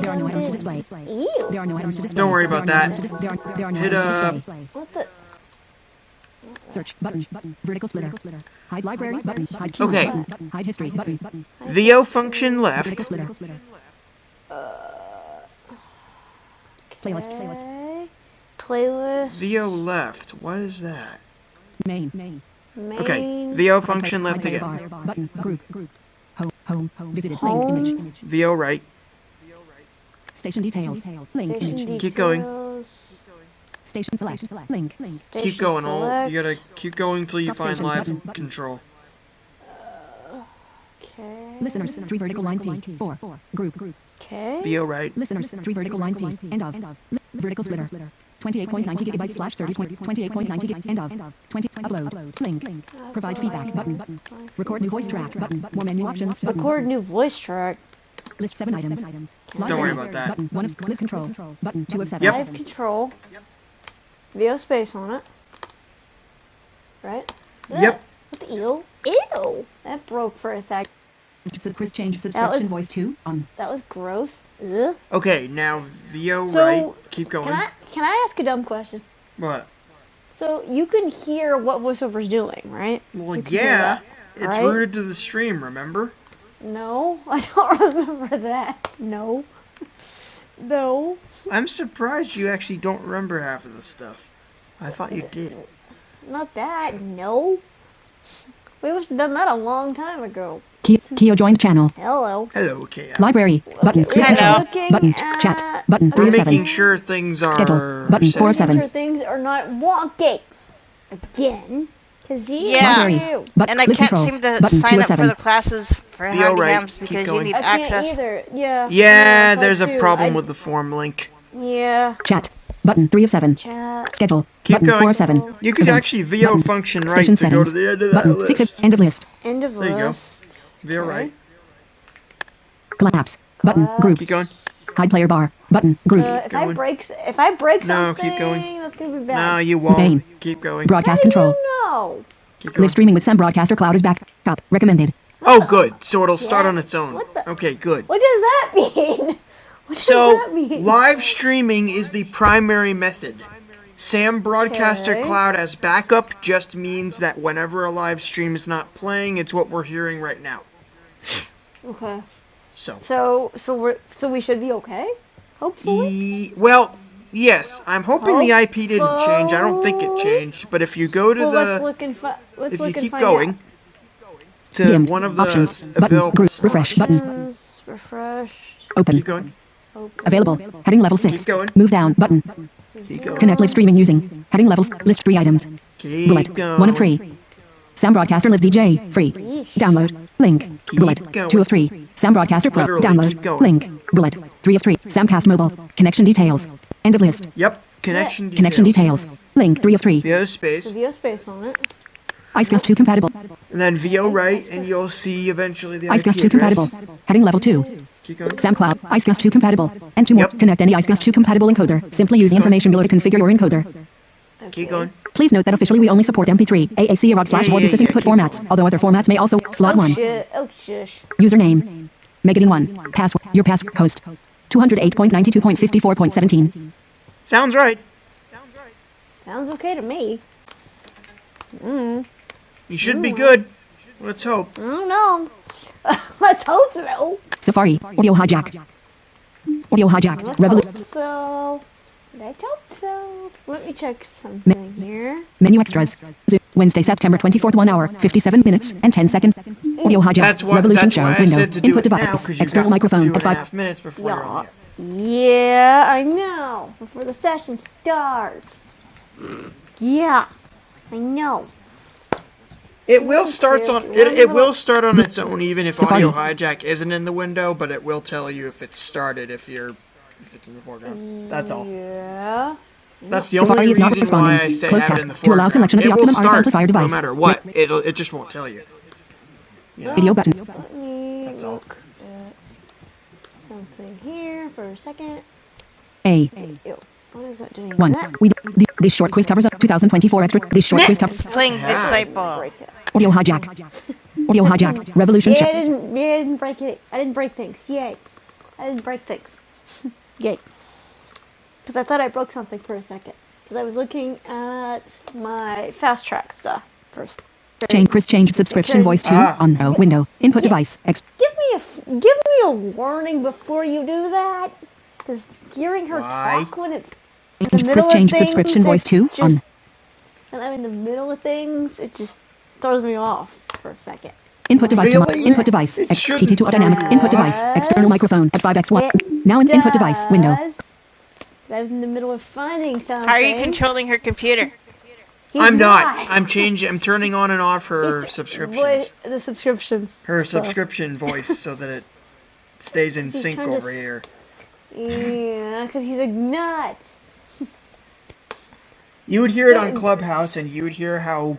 There are no items to display. There are no items to display. Don't worry about no that. no Hit items up. What the? Search button. Vertical splitter. Hide library button. Hide key Okay. button. Hide history button. VO function left. splitter. Playlists. Okay. Playlist. VO left. What is that? Main. Okay. VO function left again. Button. Group. Home. Home. Visited. Home. Link. Image. VO right. Station details. Link. Image. Keep going. Station select. Link. Link. Station Keep going, all. You gotta keep going till you find live button, button. control. Okay. Listeners, three vertical line P, four, Four. group, group. Okay. Be right. Listeners, three vertical line P, end of, vertical splitter. 28.90 gigabytes slash 30 point, 28.90 gigabytes. end of, 20, upload, link, Link. provide feedback button, button. Record new voice track button, more menu options button. Record new voice track. List seven items. Don't worry about that. Button, one of, live control, button, two of seven. Yep. Live control. VO space on it. right? Yep. What the eel? Ew. That broke for a sec. Sub- Chris change subscription was, voice to on. That was gross. Ugh. Okay, now Vio, So, right. Keep going. Can I can I ask a dumb question? What? So you can hear what voiceover's doing, right? Well, yeah, that, it's right? rooted to the stream. Remember? No, I don't remember that. No, no, I'm surprised you actually don't remember half of the stuff. I thought you did. not that. No, we must have done that a long time ago. Keo joined channel. Hello. Hello, Keo. Library. Button. Hello. Looking Button. Chat. Button. We're Three making sure things are Schedule. Button. Four of seven. Making Sure things are not wonky again. Cause he Yeah. is But and I can't control. seem to Button sign up for the classes for Be handy alright, hams because you need I can't access. Can't either. Yeah. Yeah, so there's a problem I- with the form link. Yeah. Chat. Button three of seven. Chat. Schedule. Keep button going. four of seven. You could actually VO Button. function right Station to settings. go to settings. the end of that Button list. six of end of list. End of list. There you go. list. VO right. Collapse. Button. Uh, group. Keep going. Hide player bar. Button. Group. Uh, if I going. I break, if I break No, something, no, keep going. that's gonna be bad. No, you won't. Bane. Keep going. Broadcast How do control. No. Keep going. Live streaming with Sam Broadcaster Cloud is back up. Recommended. Oh, good. So it'll start Yeah. on its own. What the- Okay, good. What does that mean? What so, does So that mean? live streaming is the primary method. Sam Broadcaster Okay. Cloud as backup just means that whenever a live stream is not playing, it's what we're hearing right now. Okay. So, So so we so we should be okay. Hopefully. E- well, yes, I'm hoping Hope- the IP didn't change. I don't think it changed, but if you go to well, let's the let's look and fi- let's if look you and keep find out. going, out to Dimmed. one of the Options. Button. Group. Refresh. Button. Options, Open. Keep going. open. Available. Heading level 6. Keep going. Move down. Button. Keep going. Connect live streaming using. Heading levels. List three items. Keep Bullet. going. One of three. Sound broadcaster live DJ. Free. Download. Link. Keep Bullet. going. Two of three. Sound broadcaster pro. Literally, Download. Link. Bullet. Three of three. Soundcast mobile. Connection details. End of list. Yep. Connection details. Connection details. Link. Three of three. The space. Video space on it. Icecast 2 compatible. and then VO right, and you'll see eventually the IP Icecast 2 compatible. Heading level 2. Keep going. SoundCloud. Icecast 2 compatible. And two more. Yep. Connect any Icecast 2 compatible encoder. Simply use the information below to configure your encoder. Okay. Keep going. Please note that officially we only support MP3, AAC, or OGG slash Yeah, board. yeah, This is yeah, input formats, although other formats may also. Slot Oh 1. Oh Username. megadin 1. Password. Your password. Host. 208.92.54.17. Sounds right. Sounds okay to me. You should be good. Let's hope. I don't know. I told you. Safari. Audio hijack. Audio hijack. Revolution. Revolut. told so. I told so. Let me check something here. Menu extras. Wednesday, September 24th, 1 hour, 57 minutes, and 10 seconds. Audio hijack. That's why. Revolution show window. Input device. External microphone and at 5. minutes before Yeah. Yeah, I know. Before the session starts. Yeah, I know. It will starts on it, it will start on its own even if audio hijack isn't in the window, but it will tell you if it's started if you're if it's in the foreground. That's all. Yeah. That's the Safari only is not reason why I responding. say Close have it tab in the to allow foreground. selection of the it will start amplifier no device. matter what. It'll it just won't tell you. Video button. That's all. something here for a second. A. What is that doing? One. We. The, this short quiz covers up 2024 extra. This short quiz covers. Playing Disciple. Audio hijack. Audio hijack. Revolution Yeah, I didn't. Yeah, I didn't break it. I didn't break things. Yay! I didn't break things. Yay! Because I thought I broke something for a second. Because I was looking at my fast track stuff first. Change Chris change subscription Because, voice to Ah. on no window input yeah. device. Ex- Give me a f- give me a warning before you do that. Because hearing her Why? talk when it's in the change Chris middle of change subscription things, voice it's to just on when I'm in the middle of things, it just throws me off for a second. input like, device to mi- Really? input device It X shouldn't to dynamic throw you input off. device external Yes, microphone at 5x1 it now in input device window does. I was in the middle of finding something. How are you controlling her computer? He's I'm not. not. I'm changing. I'm turning on and off her He's- subscriptions. What, the subscriptions. Her So- subscription voice, so that it stays in he's sync trying to over here. Yeah, because he's like nuts. You would hear it on Clubhouse, and you would hear how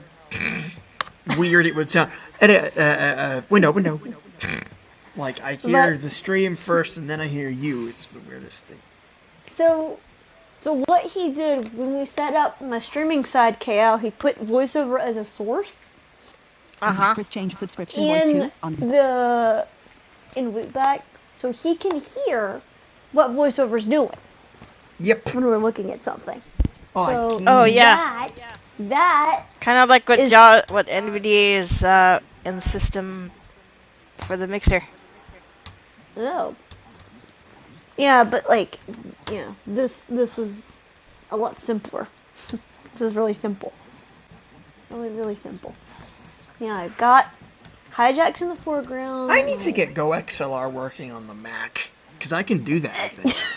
weird it would sound. And, uh, uh, uh, uh, window, window, window. Like I hear But- the stream first, and then I hear you. It's the weirdest thing. So So what he did when we set up my streaming side KL, he put voiceover as a source Uh huh. Chris changed subscription voice to on the in loopback, so he can hear what voiceover's doing Yep. when we're looking at something. Oh, so Oh yeah. that that Kind of like what Ja what NVDA is uh, in the system for the mixer. oh yeah, but like yeah, this this is a lot simpler. this is really simple, really really simple. Yeah, I've got Hijack's in the foreground. I need to get Go XLR working on the Mac because I can do that. I think.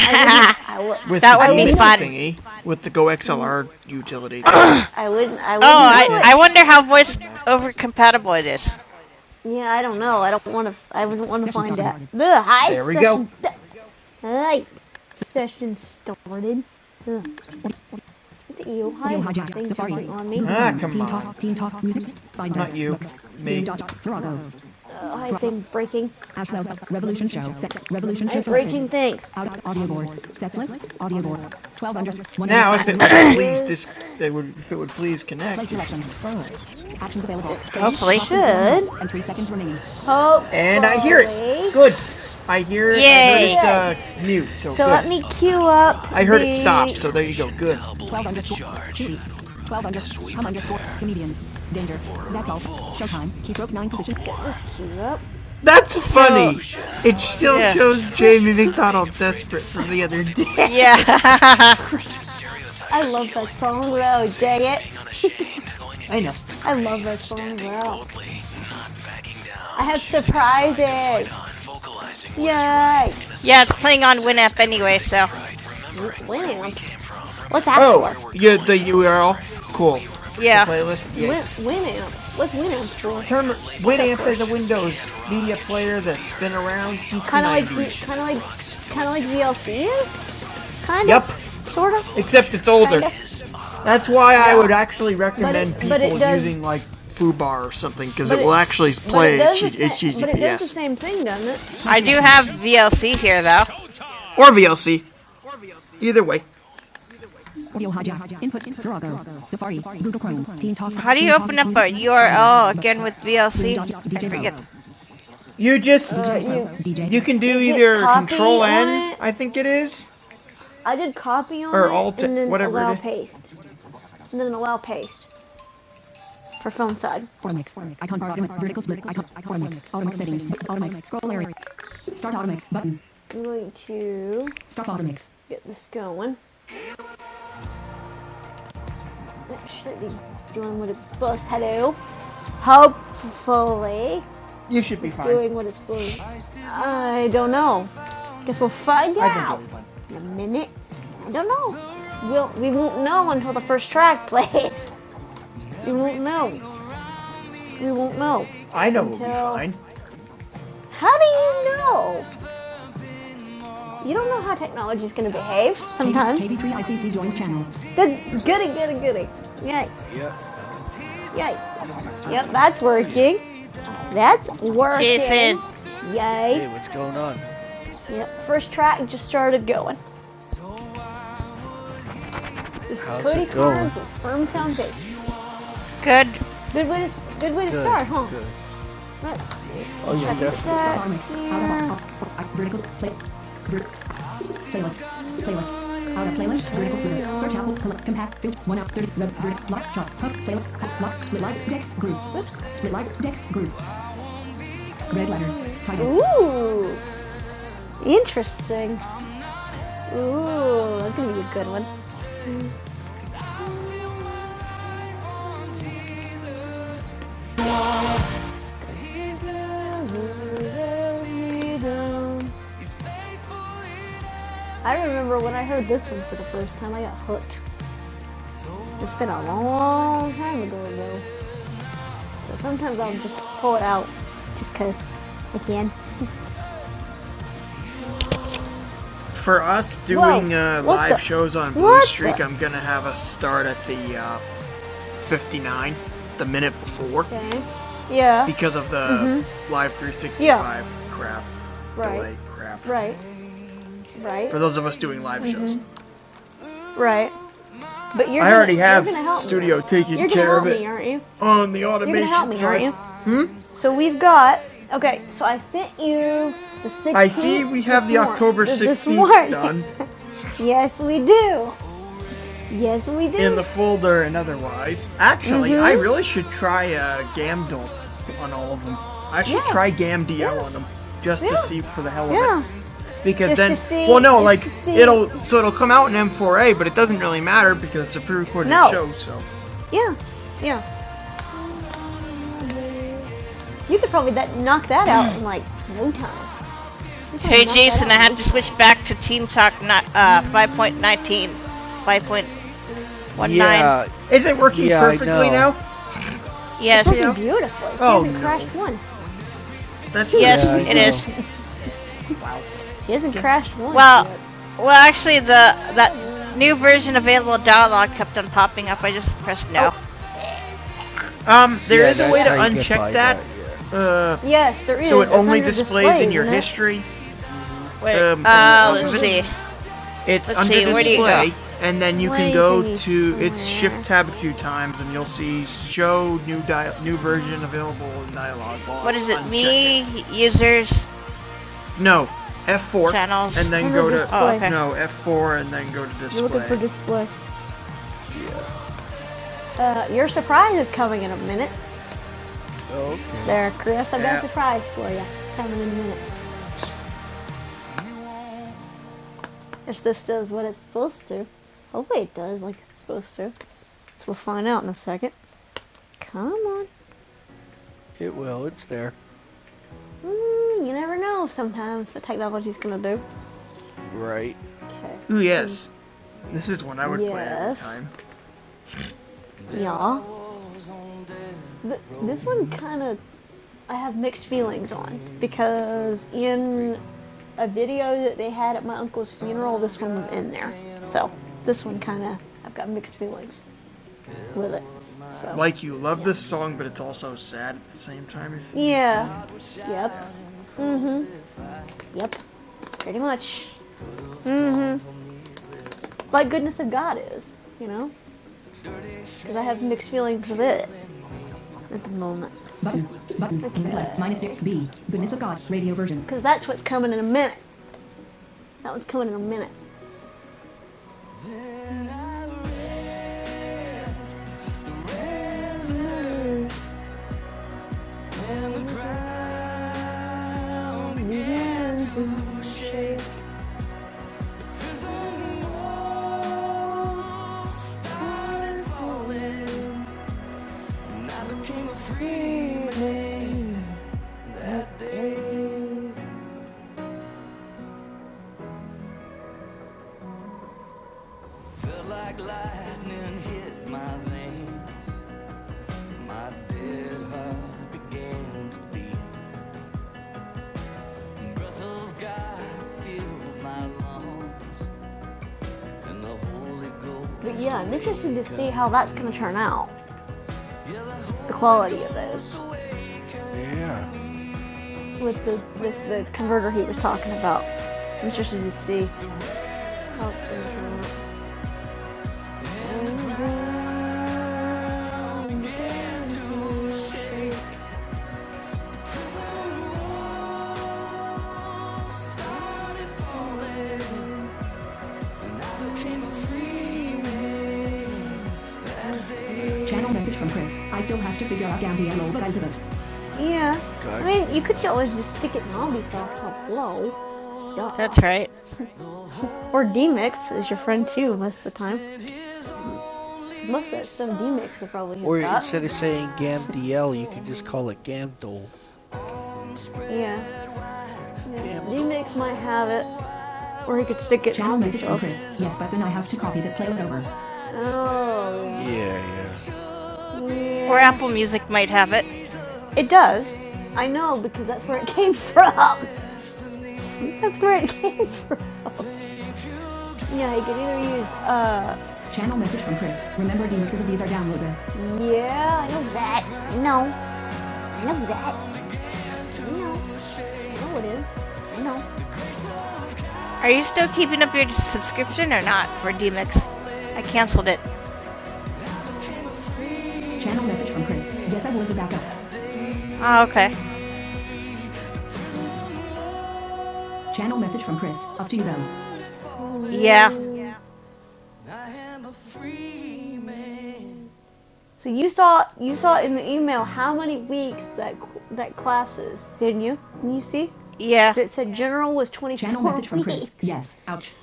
I, I w- With That would be fun. Thingy, with the Go XLR utility. I wouldn't. I wouldn't. Oh, I, I wonder how voice over compatible it is. Yeah, I don't know. I don't want to. F- I wouldn't want to find out. The high There we session go. hi. Session started. Ugh. The hijack Safari. on me. Ah, come on. Not you. Me. Thrago. Oh, I think breaking. Ashlow, Revolution Show, set, Revolution Show breaking things. Out, audio board, sets list, audio board, 12 unders, 1 Now, if it would please, dis- they would, if it would please connect. Actions available. Hopefully should. And 3 seconds remaining. Hopefully. And I hear it. Good. I hear it. I heard it uh, mute. So, So let me queue up. I heard the- it stop. So there you go. Good. 12 underscore. charge. 12 underscore. we underscore. Comedians. Danger. That's all. Showtime. Keystroke 9 position. Yep. That's funny. So, It still Yeah. shows Jamie McDonald desperate from the other day. Yeah. I love that song though, dang it. I know. I love that song though. I have surprises. Yay! Yeah, it's playing on WinApp anyway, so. Winning, i What's that for? Oh, for? you the URL. Cool. Yeah. The Playlist. Yeah. Win, Winamp. What's Winamp for? Term Winamp is a Windows media player that's been around since Kind of like, kind of like, kind of like VLC is. Kind of. Yep. Sort of. Except it's older. Kinda. That's why yeah. I would actually recommend but it, people but it does- using like FooBar or something because it, it- will actually play but it does But it does the same thing, doesn't it? I do have VLC here though. or VLC. Either way, Audio hijack. Input. Virago. Safari. Google Chrome. Teen Talk. How do you open up a URL again with VLC? forget. You just Virago. DJ. you can do either Control N, I think it is. I did copy on Or it alt- it, and then whatever it allow is. paste, and then allow paste for phone side. Automix. Icon Automix. Vertical split. Icon. Automix. Automix settings. Automix. Scroll area. Start Automix button. I'm going to Stop Automix. get this going. It should be doing what it's supposed to do. Hopefully, You should be it's fine. doing what it's doing. I don't know. Guess we'll find I out you be fine. in a minute. I don't know. We'll, we won't know until the first track plays. We won't know. We won't know. I know until... we'll be fine. How do you know? You don't know how technology is going to behave sometimes. KB3ICC joint channel. Good, goody, goody, goody. Yay, yay. Yep, that's working. That's working. Jason. Yay. Hey, what's going on? Yep. First track just started going. How's Cody it going? Carnes with Firm Foundation. Good. Good way to good way to Good, start, huh? good. Let's Oh, yeah, check definitely. Out of playlist. Vertical splitter. Search Apple. Compact. Filter. One out. Thirty. Red. Vertical. Lock. Drop. Hub. Playlist. Hub. Lock. Split like. Dex. Group. Oops. Split like. Dex. Group. Red letters. Title. Ooh, interesting. Ooh, that's gonna be a good one. I remember when I heard this one for the first time, I got hooked. It's been a long time ago, though. So sometimes I'll just pull it out just 'cause I can. For us Whoa! doing Whoa, uh, live the? shows on Blue What Streak, the? I'm gonna have us start at the uh, 59, the minute before, Okay. Yeah. because of the mm-hmm. live 365 Yeah. crap, Right. delay crap. Right. Right. For those of us doing live mm-hmm. shows, Right. But you're I gonna- already you're have going me. studio me. taking You're care help of it me, aren't you? on the You're automation. you're help me, side. aren't you? So we've got. Okay, so I sent you the 16th. I see we have the mor- October 16th done. yes, we do. Yes, we do. in the folder and otherwise. Actually, mm-hmm. I really should try uh, Gamdol on all of them. I should Yeah. try Gamdio yeah. on them just Yeah. to see for the hell of yeah. it because Just then well no just like it'll so it'll come out in M4A, but it doesn't really matter because it's a pre-recorded No. show. So Yeah, yeah. You could probably that, knock that out in like no time. Hey Jason, I have to switch back to Team Talk Not uh, 5.19. yeah, is it working Yeah, perfectly now? Yes. It's working beautifully. It Oh, hasn't no. crashed once. That's Yes, Yeah, I He hasn't crashed once. Well, yet. well, actually, the that new version available dialogue kept on popping up. I just pressed no. Oh. Um, there Yeah, is a way to uncheck by that. yeah. Uh, yes, there is. so it It's only displays display, in your history. Wait, Um, uh, let's see. It's Let's under see, where do you display, and then you Where can go to it's shift tab a few times, and you'll see show new dia- new version available in dialogue. What is What it's it? Me it. users. No, F4. Channels. And then go to. Oh, okay. No, F4 and then go to display. You're looking for display. Uh, your surprise is coming in a minute. There, Chris, I've got Yeah. a surprise for you. Coming in a minute. If this does what it's supposed to. Hopefully it does like it's supposed to. So we'll find out in a second. Come on. It will. It's there. Mm, you never know sometimes what technology's gonna do. Right. Okay. Ooh, yes. This is one I would yes. play every yes. time. Yeah. Th- this one kind of I have mixed feelings on because in a video that they had at my uncle's funeral, this one was in there. So this one kind of I've got mixed feelings with it. So Like you love this song, but it's also sad at the same time. If you, yeah, Know. yep, yep, pretty much. Like goodness of God is, you know, because I have mixed feelings with it at the moment. Button. Button. Play. Minus 6. B. Goodness of God. Radio version. Because that's what's coming in a minute. That one's coming in a minute. like But yeah, I'm interested to see how that's going to turn out. The quality of those with the with the converter he was talking about. I'm interested to see. Channel message from Chris. I still have to figure out Gamdiello, but I'll do it. Yeah. Go. I mean, you could always just stick it in Ubisoft up low. Duh. That's right. Or DMix is your friend too most of the time. Most of that stuff DMix will probably hit Or that. instead of saying GamDL, you could just call it Gamdol. Yeah. Gamdol. DMix might have it, or you could stick it Channel in Channel message from Chris. Yes, but then I have to copy the playload over. Oh. Yeah, yeah. yeah. Or Apple Music might have it. It does. I know because that's where it came from. That's where it came from. Yeah, you can either use uh Channel message from Chris. Remember, DX is a DSR downloader. yeah, I know that. I know. I know that. I know. I know it is. I know. Are you still keeping up your subscription or not for DMix? I canceled it. Channel message from Chris. Yes, I was a backup. Oh, okay. Channel message from Chris. Up to you though. Yeah. So you saw you saw in the email how many weeks that that class is, didn't you? Can you see? Yeah. It said general was Channel 24 general message weeks. from Chris. Yes. Ouch.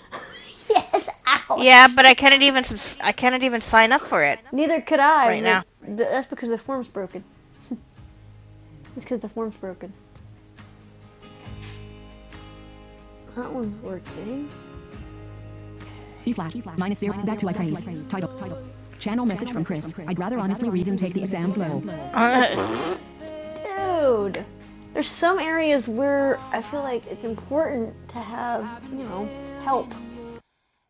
Oh. Yeah, but I cannot even I cannot even sign up for it Neither could I. right now. that's because the form's broken. It's because the form's broken. That one's working. E flat. Minus zero. Back to I praise. Title. Title. Channel message from Chris. I'd rather honestly read and take the exams low. Uh, Dude, there's some areas where I feel like it's important to have, you know, help.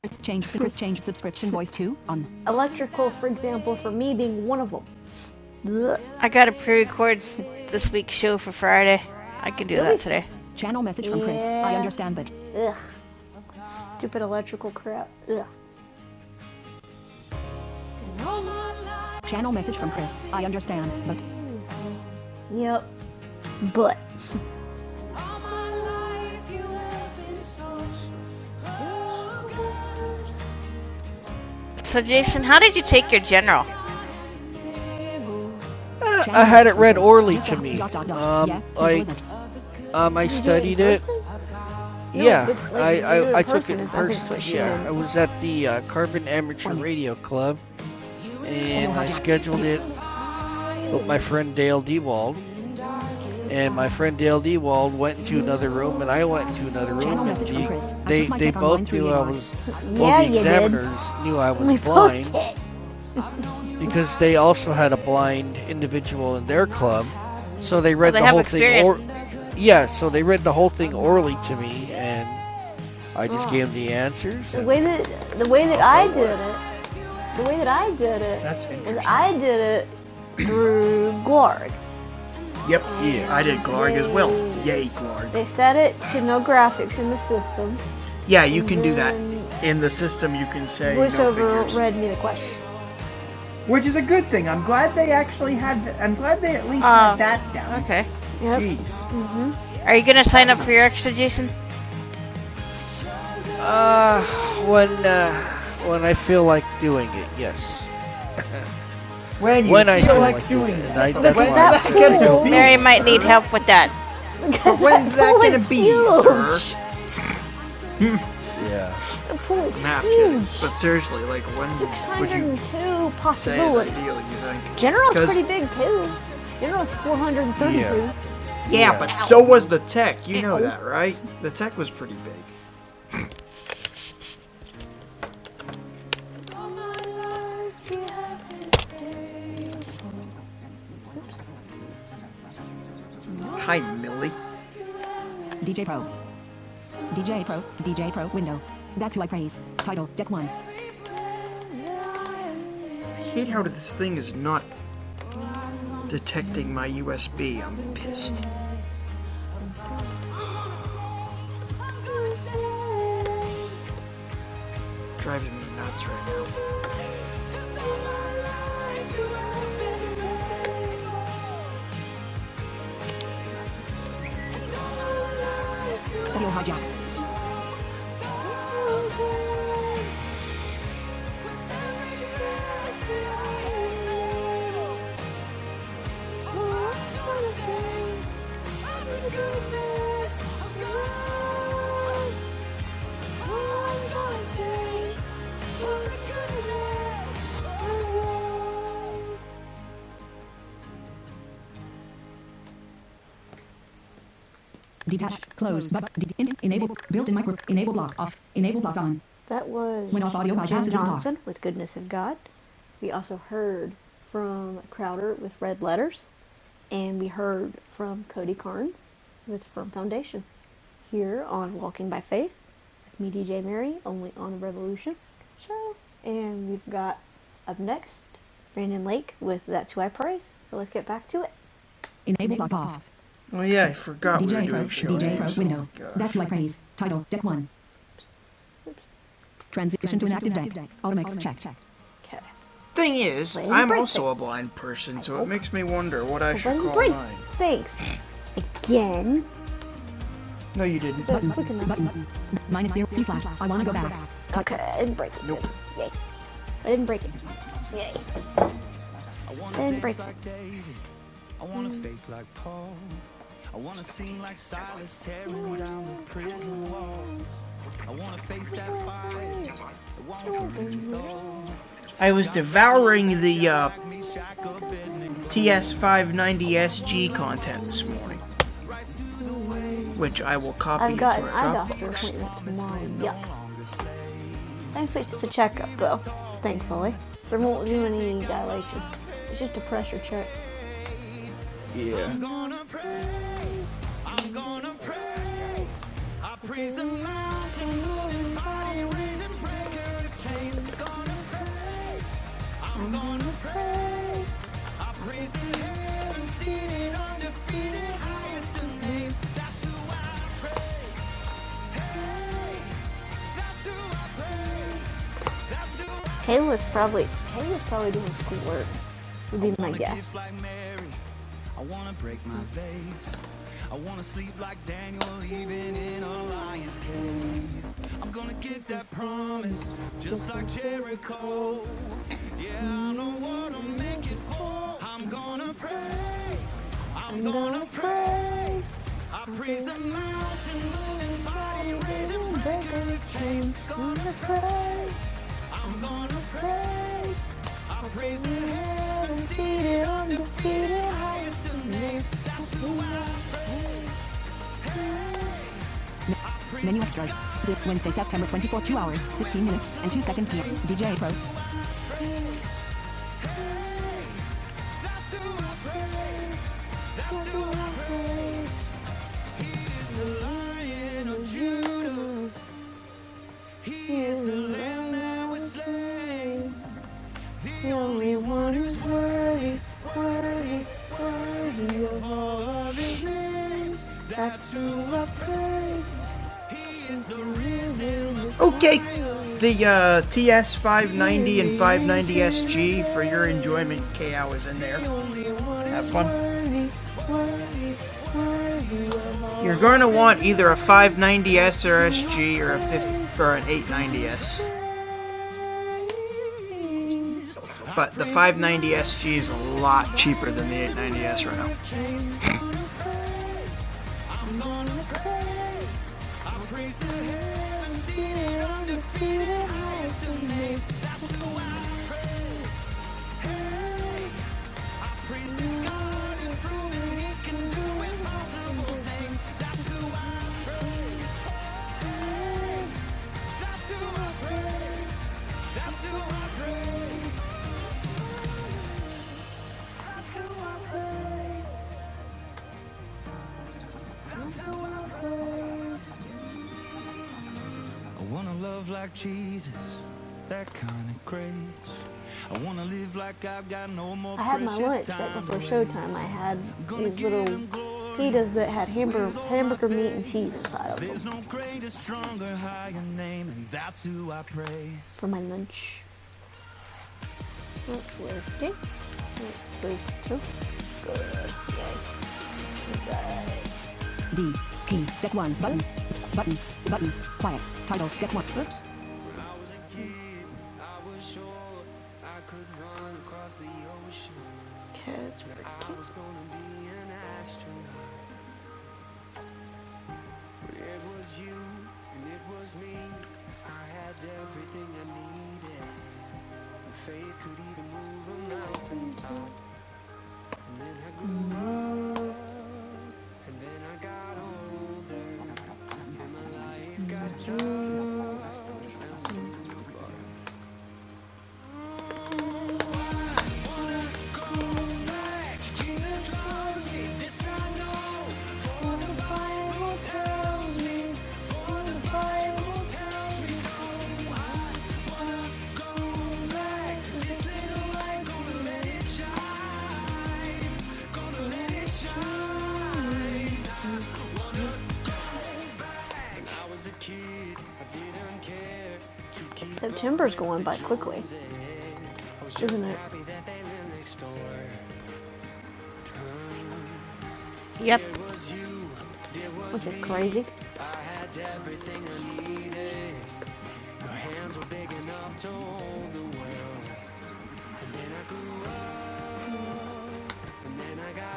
Chris change Chris change subscription voice to on. Electrical, for example, for me being one of them. I gotta pre-record this week's show for Friday. I can do that today. Channel message from Chris. Yeah. I Yeah. understand, but Ugh, stupid electrical crap. Ugh. channel message from Chris. I understand, but Yep, but So Jason, how did you take your general? I had it read orally to me. Um, I Um, I studied it. person? No, yeah, like I, I, I took it in person. Yeah, I was at the uh, Carbon Amateur Radio Club, and I scheduled it with my friend Dale Dewald. And my friend Dale Dewald went into another room, and I went into another room. And the, they they both knew I 138R. was. Yeah, Well, the examiners knew I was blind because they also had a blind individual in their club, so they read the whole thing. Or, yeah, so they read the whole thing orally to me, and I just oh. gave him the answers. The way that the way that I did it, the way that I did it, That's was interesting. Is I did it through Glorg. Yep. Yeah. I did Glarg as well. Yay. Yay, Glarg. They set it to no graphics in the system. Yeah, you can do that. In the system, you can say Voiceover no read me the question. Which is a good thing. I'm glad they actually had. th- I'm glad they at least Oh. had that down. Okay. Yep. Jeez. Are you gonna sign up for your extra, Jason? When uh, when I feel like doing it, yes. When you When feel I feel like like doing it. I- that's When's why that I gonna be? Mary might need help with that. When's that gonna be, sir? Yeah. The pool is Nah, huge. But seriously, like, when would you say is ideal, you think? General's 'Cause- pretty big too. General's 432. Yeah. Yeah, yeah, but so was the tech. You know that, right? The tech was pretty big. Hi, Millie. DJ Pro. DJ Pro. DJ Pro window. That's who I praise. Title Deck 1. I hate how this thing is not detecting my USB. I'm pissed. Driving me nuts right now. Audio hijacked. Detach. Close. But in- enable. Built-in micro. Enable block off. Enable block on. That was Went off audio by Johnson with Goodness of God. We also heard from Crowder with Red Letters, and we heard from Cody Carnes with Firm Foundation. here on Walking by Faith with me, DJ Mary, only on Revolution show. And we've got up next Brandon Lake with That's Who I Praise. So let's get back to it. Enable lock off. Oh yeah, I forgot D J we were DJ Pro. doing show DJ Pro window. Oh, That's who I praise. Title deck one. Transition to an active deck. Automax checked. Okay. Thing is, I'm also a blind person, so it makes me wonder what I should call mine. Thanks. Again. No, you didn't. Button. Button. Minus zero, B flat. I wanna go back. Okay, I didn't break it. Nope. Yay. I didn't break it. Yay. I didn't break it. I was devouring the uh, TS590SG content this morning, which I will copy I've got to an our eye doctor Dropbox. appointment tomorrow. Yuck. Thankfully, it's just a checkup, though. Thankfully. There won't do any dilation. It's just a pressure check. I'm gonna pray. I'm gonna pray. Praise the mountain, moving body, raising breaker of chains. I'm Gonna pray, I'm gonna pray. Raising heaven, seated, undefeated, highest of names. Hey, that's who I praise. Kayla's probably Kayla's probably doing schoolwork. Would be my guess. like Mary, I wanna break my vase. I wanna sleep like Daniel, even in a lion's cave. I'm gonna get that promise, just like Jericho. Yeah, I know what I'm making for. I'm gonna praise. I'm gonna praise. I praise the mountain moving body, raising breaker of chains. Gonna praise. I'm gonna praise. I praise the heavens seated undefeated highest of names. That's who I praise. Menu extras. Zip Wednesday, September 24, 2 hours, 16 minutes, and 2 seconds PM. DJ Pro. That's who I praise. That's who I praise. The Lion of Judah. He is the Lamb that was slain. The only one who's worthy, worthy, worthy of all of his names. That's who I praise. He is the reason Okay, the uh, TS 590 and 590 SG for your enjoyment. KO is in there. Have fun. You're going to want either a names. That's 590S or SG or a 50 or an 890S. But the 590 SG is a lot cheaper than the 890S right now. I wanna love like Jesus, that kind of grace. I wanna live like I've got no more I had my lunch right before showtime. I had these little him pitas that had hamburger, hamburger meat and cheese inside 'Cause of them no for my lunch. That's working. That's supposed to. Good. Yes, you D. Key. Deck 1. Button. Button. Button. Quiet. Title. Deck 1. Oops. Cause we're cute. September's going by quickly, isn't it? Yep. Was it crazy?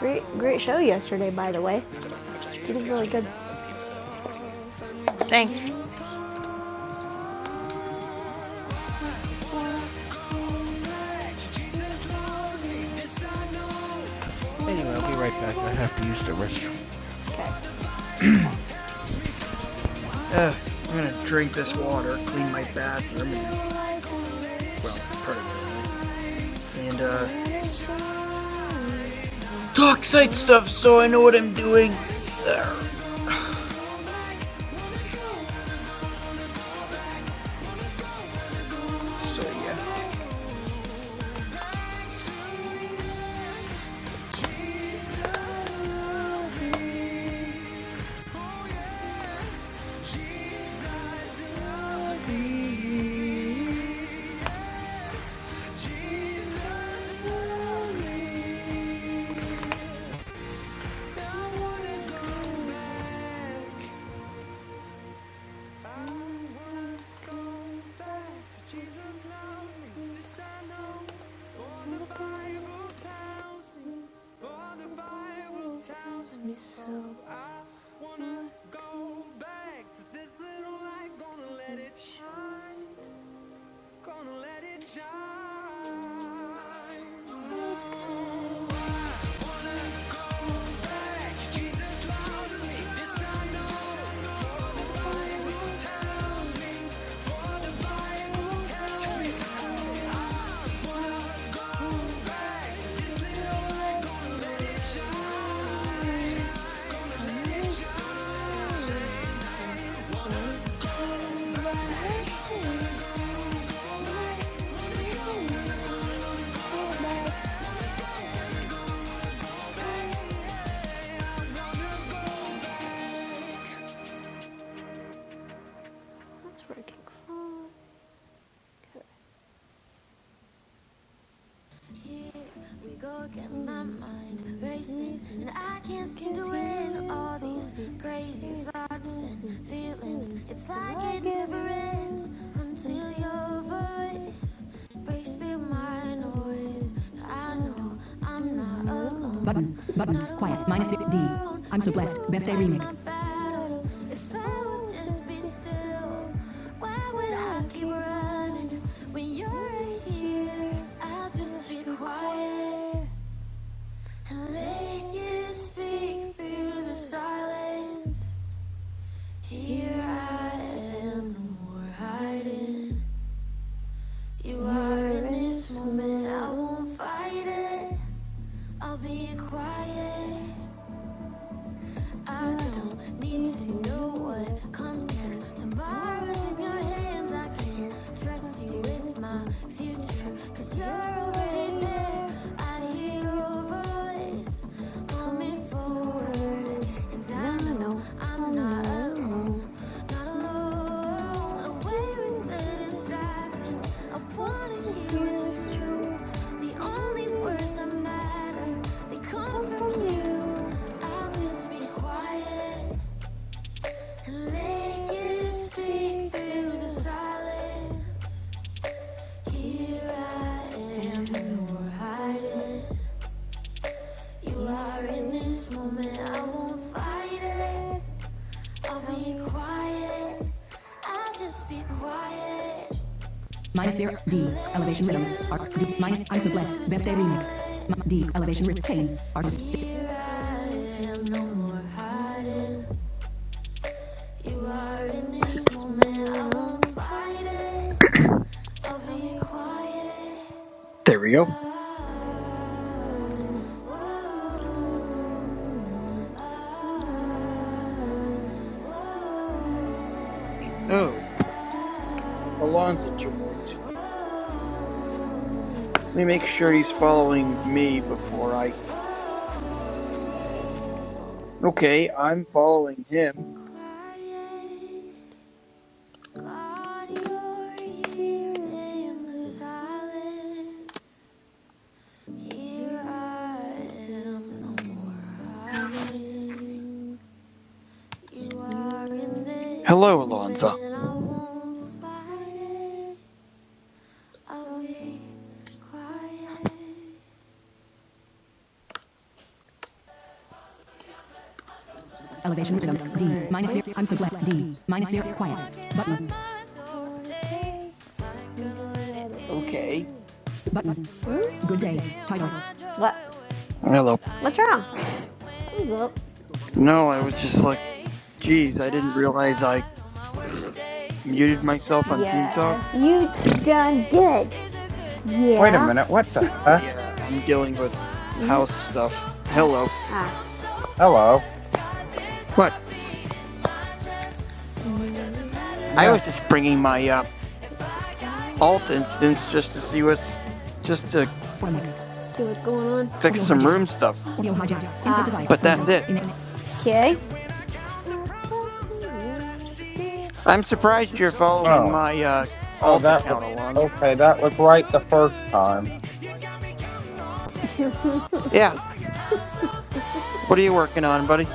Great, great show yesterday, by the way. This is really good. Thanks. Anyway, I'll be right back. I have to use the restroom. Ugh, I'm gonna drink this water, clean my bathroom, and, well, part of it. And, uh, talk site stuff so I know what I'm doing. Ugh. So, yeah. That's working fine. Here we go again, my mind racing, and I can't seem to win all these crazy thoughts and feelings. It's like it never ends until your voice breaks through my noise. I know I'm not alone, Button, button, not quiet, minus D. I'm so blessed. Best still day remix. If I would just be still, why would I keep when you're here. I'll just be quiet and let you speak through the silence. Here I am, no more hiding. You are in this moment, I won't fight it. I'll be quiet I don't need to know what comes next. Tomorrow's in your hands. I can trust you with my future. Cause you're already there. I hear your voice. Call me forward. And I no. I'm not alone, not alone. Away with the distractions. I wanna hear it's true. The only words that matter, they come from you. I'll just be quiet and let it speak through the silence. Here I am, You are hiding. You are in this moment, I won't fight it. Minus zero D elevation rhythm arc D minus isoblast best day remix D elevation retain artist D, You are in this moment. I won't fight it. I'll be quiet. There we go. Oh, Alonzo joined. Let me Oh, make sure he's following me before I. oh, Okay, I'm following him. quiet. God, you're here in the silence. no Hello, Alonzo. Elevation rhythm. D. Minus zero. I'm so glad. D. Minus zero. Quiet. Button. Okay. Button. Good day. Title. What? Hello. What's wrong? Thumbs up. No, I was just like, geez, I didn't realize I muted myself on Team Yes. Talk. You done did. Wait a Yeah. minute. What the But heck? yeah, I'm dealing with house stuff. Hello. Ah. Hello. What? I was No. just bringing my uh, alt instance just to see what's. just to Four mics. See what's going on. fix Audio some hijack. room stuff. Audio hijack. Input Ah. device. But Window. that's it. Okay. I'm surprised you're following Oh. my uh, Oh, alt that was account, Alonzo. okay. That was right the first time. Yeah. What are you working on, buddy?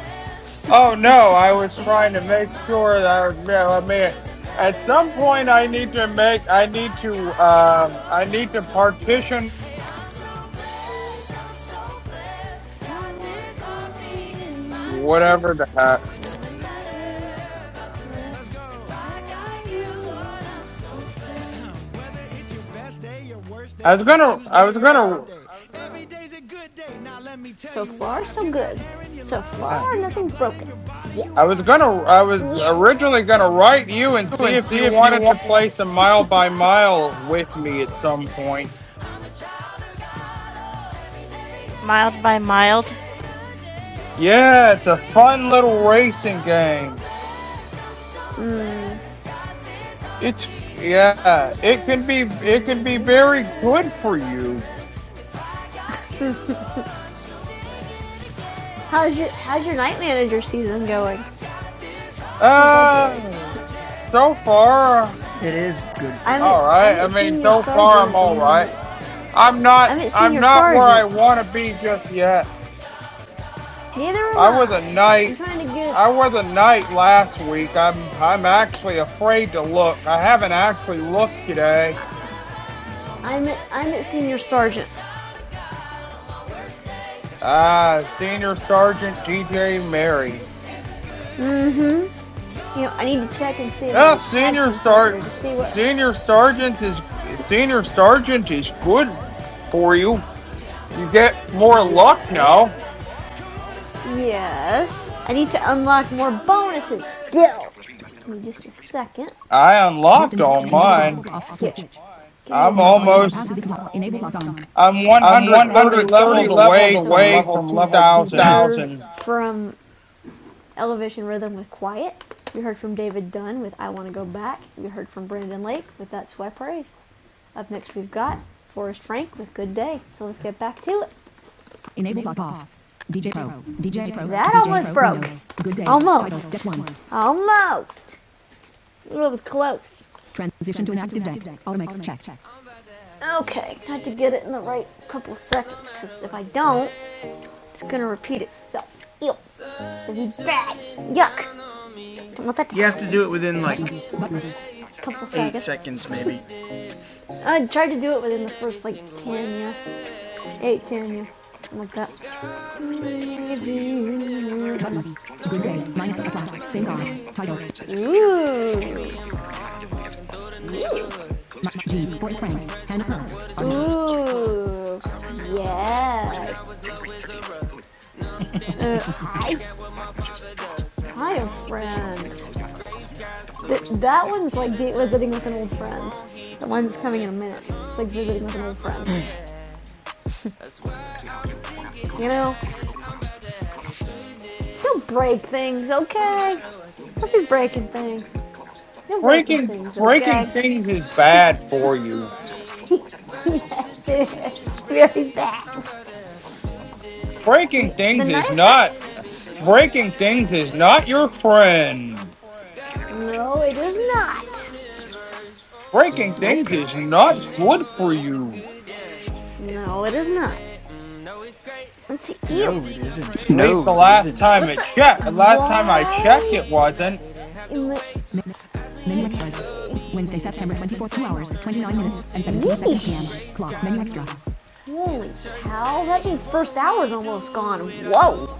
Oh no, I was trying to make sure that you know, I mean, at some point I need to make I need to um I need to partition whatever the heck. I was gonna I was gonna So far, so good. So yeah. far, nothing's broken. Yet. I was gonna I was Yet. originally gonna write you and see if you wanted to play some mile by mile with me at some point. Mild by mild. Yeah, it's a fun little racing game. Mm. It's yeah, it can be it can be very good for you. How's your How's your night manager season going? How's that going? Uh so far It is good. I haven't all I right. I haven't mean, seen your so far sergeant I'm at the all right. moment. I'm I not haven't seen I'm your not where I sergeant. want to be just yet. Neither am I was a I. I'm knight. trying to get. I was a knight last week. I'm I'm actually afraid to look. I haven't actually looked today. I'm at, I'm at senior sergeant. Uh, Senior Sergeant DJ Mary. You know, I need to check and see my Yeah, tag senior team partner to sergeant, see what. senior sergeant is senior sergeant is good for you. You get more luck now. Yes. Yes. I need to unlock more bonuses still. Give me just a second. I in unlocked all enable mine. block off switch. Give me a second. I'm When off audio almost. bypasses this block, enable block on. I'm One 130 hundred thirty levels levels away from away level from We 2,000. 2000. from Elevation Rhythm with Quiet. We heard from David Dunn with I Want to Go Back. We heard from Brandon Lake with That's Who I Praise. Up next, we've got Forrest Frank with Good Day. So let's get back to it. Enable lock off. DJ Pro. DJ Pro. That DJ almost Pro broke. window. Good day. Almost. Title, step one. Almost! It was close. Transition to an active deck. Automix check. Okay, I had to get it in the right couple seconds because if I don't, It's gonna repeat itself. Ew. This is bad. Yuck. Don't let that happen. You have to do it within like couple eight seconds. seconds, maybe. I tried to do it within the first like 10, yeah. 8, 10, yeah. Like that. good day. Minus the clock. Same guard. Title. Ooh. G. Boris Frank. Hannah Pearl. Ooh. Yeah. Uh, hi. Hi, friend. Th- that one's like date visiting with an old friend. The one's coming in a minute. It's like visiting with an old friend. You know? Don't break things, okay? Don't be breaking things. You're breaking Breaking things, breaking okay? things is bad for you. yes, it is. Very bad. Breaking The- The things is not. nice. Breaking things is not your friend. No, it is not. Breaking Nope. things is not good for you. No, it is not. Let's see. No, it isn't. At least No, the it last isn't. time What the? it checked. The last time I checked, it Why wasn't in the Menu extras. Wednesday, September 24th, 2 hours, 29 minutes, and 17 seconds p.m. Clock. Menu extra. Holy cow, that means first hour's almost gone. Whoa.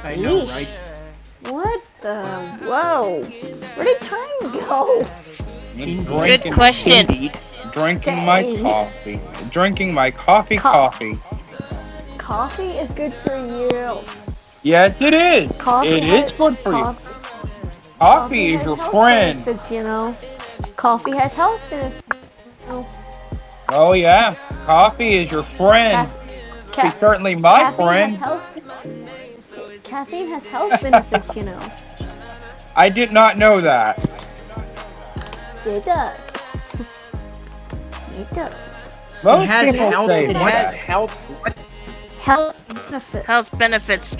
I know, right? What the? Whoa. Where did time go? I'm Good drinking, question. Indeed. drinking my Dang. coffee, drinking my coffee, Co- coffee. coffee is good for you. Yes, it is. Coffee It has is good for you. coffee. Coffee Coffee is has your health friend. benefits, you know. Coffee has health benefits. You know. Oh yeah, coffee is your Ca- friend. ca- Coffee certainly my caffeine has friend. health Caffeine has health benefits, you know. I did not know that. It does. It does. It Most has nice people health. say It it's has bad. what? health. What? Health benefits. Health benefits.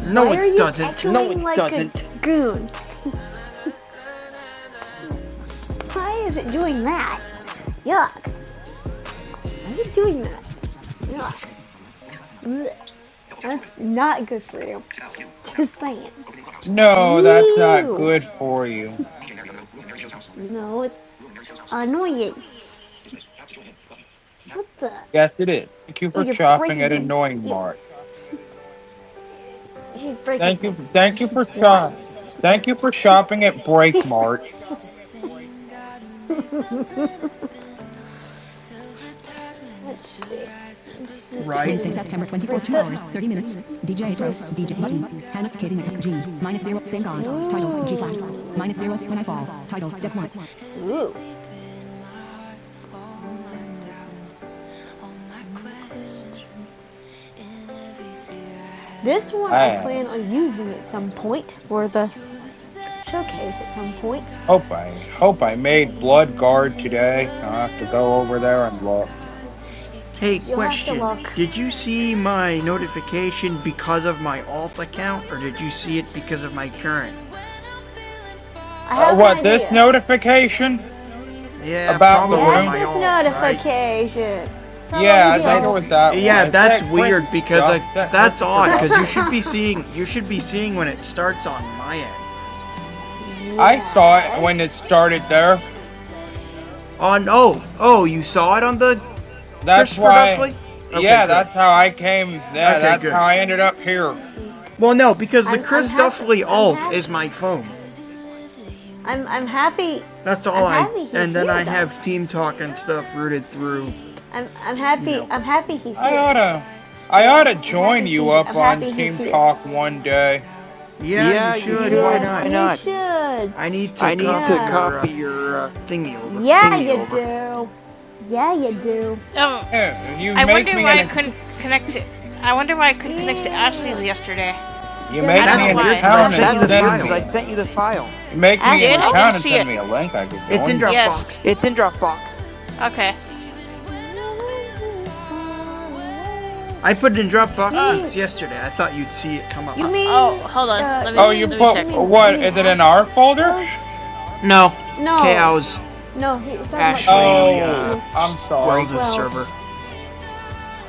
No, Why are it you doesn't. Why are you No, echoing it like a doesn't. goon? Why is it doing that? Yuck. Why is it doing that? Yuck. That's not good for you. Just saying. No, that's not Ew. good for you. No, it's annoying. What the? Yes, it is. Thank you Oh, for you're shopping breaking at things. Annoying Ew. Mart. She's breaking Thank you. Thank you things. for Why? shop. Thank you for shopping at Break Mart. Right. Wednesday, September 24th, 2 hours, 30 minutes. DJ Pro, DJ Button, Hannah, Katie Mac, G, minus zero, same God, title, G flat, minus zero, when I fall, title, step one. Ooh. This one I I plan on using at some point for the showcase at some point. hope I hope I made Blood Guard today. I'll have to go over there and look. Hey, You'll question. Did you see my notification because of my alt account, or did you see it because of my current? I Uh, have an what this idea. notification Yeah, about probably the yes, my room? this own. notification. Right? Yeah, Probably I think the it old. was I, that yeah, one. It's that's that weird Chris because I Duff. It's That that's Christopher odd because you Duffley. should be seeing you should be seeing when it starts on my end. I saw it when it Yes. started there. On oh no. oh you saw it on the That's Christopher Duffley? why. Okay, Yeah, good. that's how I came. Yeah, Okay, that's how good. I ended up here. Well, no, because the I'm- Chris I'm Duffley alt is my phone. I'm I'm happy. That's all I'm I and then I though. have team talk and stuff rooted through. I'm I'm happy. No. I'm happy he's I here. oughta, I Well, oughta I'm happy join you he's here. I'm up on happy he's Team here. Talk one day. Yeah, you Yeah, you should. Yes, Why yes, should. not? Why You not? should. I need to I need copy to Yeah. your uh, copy your uh, thingy over. Yeah, thingy you over. do. Yeah, you do. Um, Yeah, you I make wonder me why I an, couldn't connect to. I wonder why I couldn't yeah. connect to Ashley's yesterday. Don't I you don't make me know why. That's an weird because I account and sent you That's the weird send because file. me I a, sent you the file. you make file. me an Did I didn't account and see send it? me a link. I could It's in Dropbox. join. you. Yes. It's in Dropbox. Okay. I put it in Dropbox uh, since yesterday. I thought you'd see it come up. You mean? Oh, hold on. uh, let me Oh, mean- you let me put check. You mean, you what? mean Is it Ash in our folder? Rose? no. No. KO's No, he was Ashley Oh, about uh, I'm Kao. sorry. Wells' Wells. server.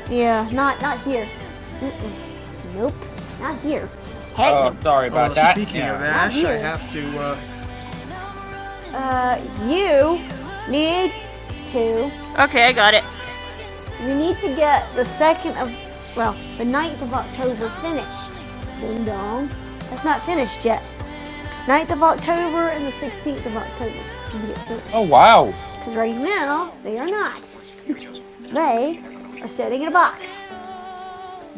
Yeah, not not here. Mm-mm. Nope, not here. Heck Oh, no. sorry Although about that. speaking of Yeah. Ash, I have to. Uh, Uh, you need to Okay, I got it. We need to get the second of, well, the ninth of October finished. Ding dong. That's not finished yet. Ninth of October and the 16th of October can get Oh finished. wow. Because right now, they are not. They are sitting in a box.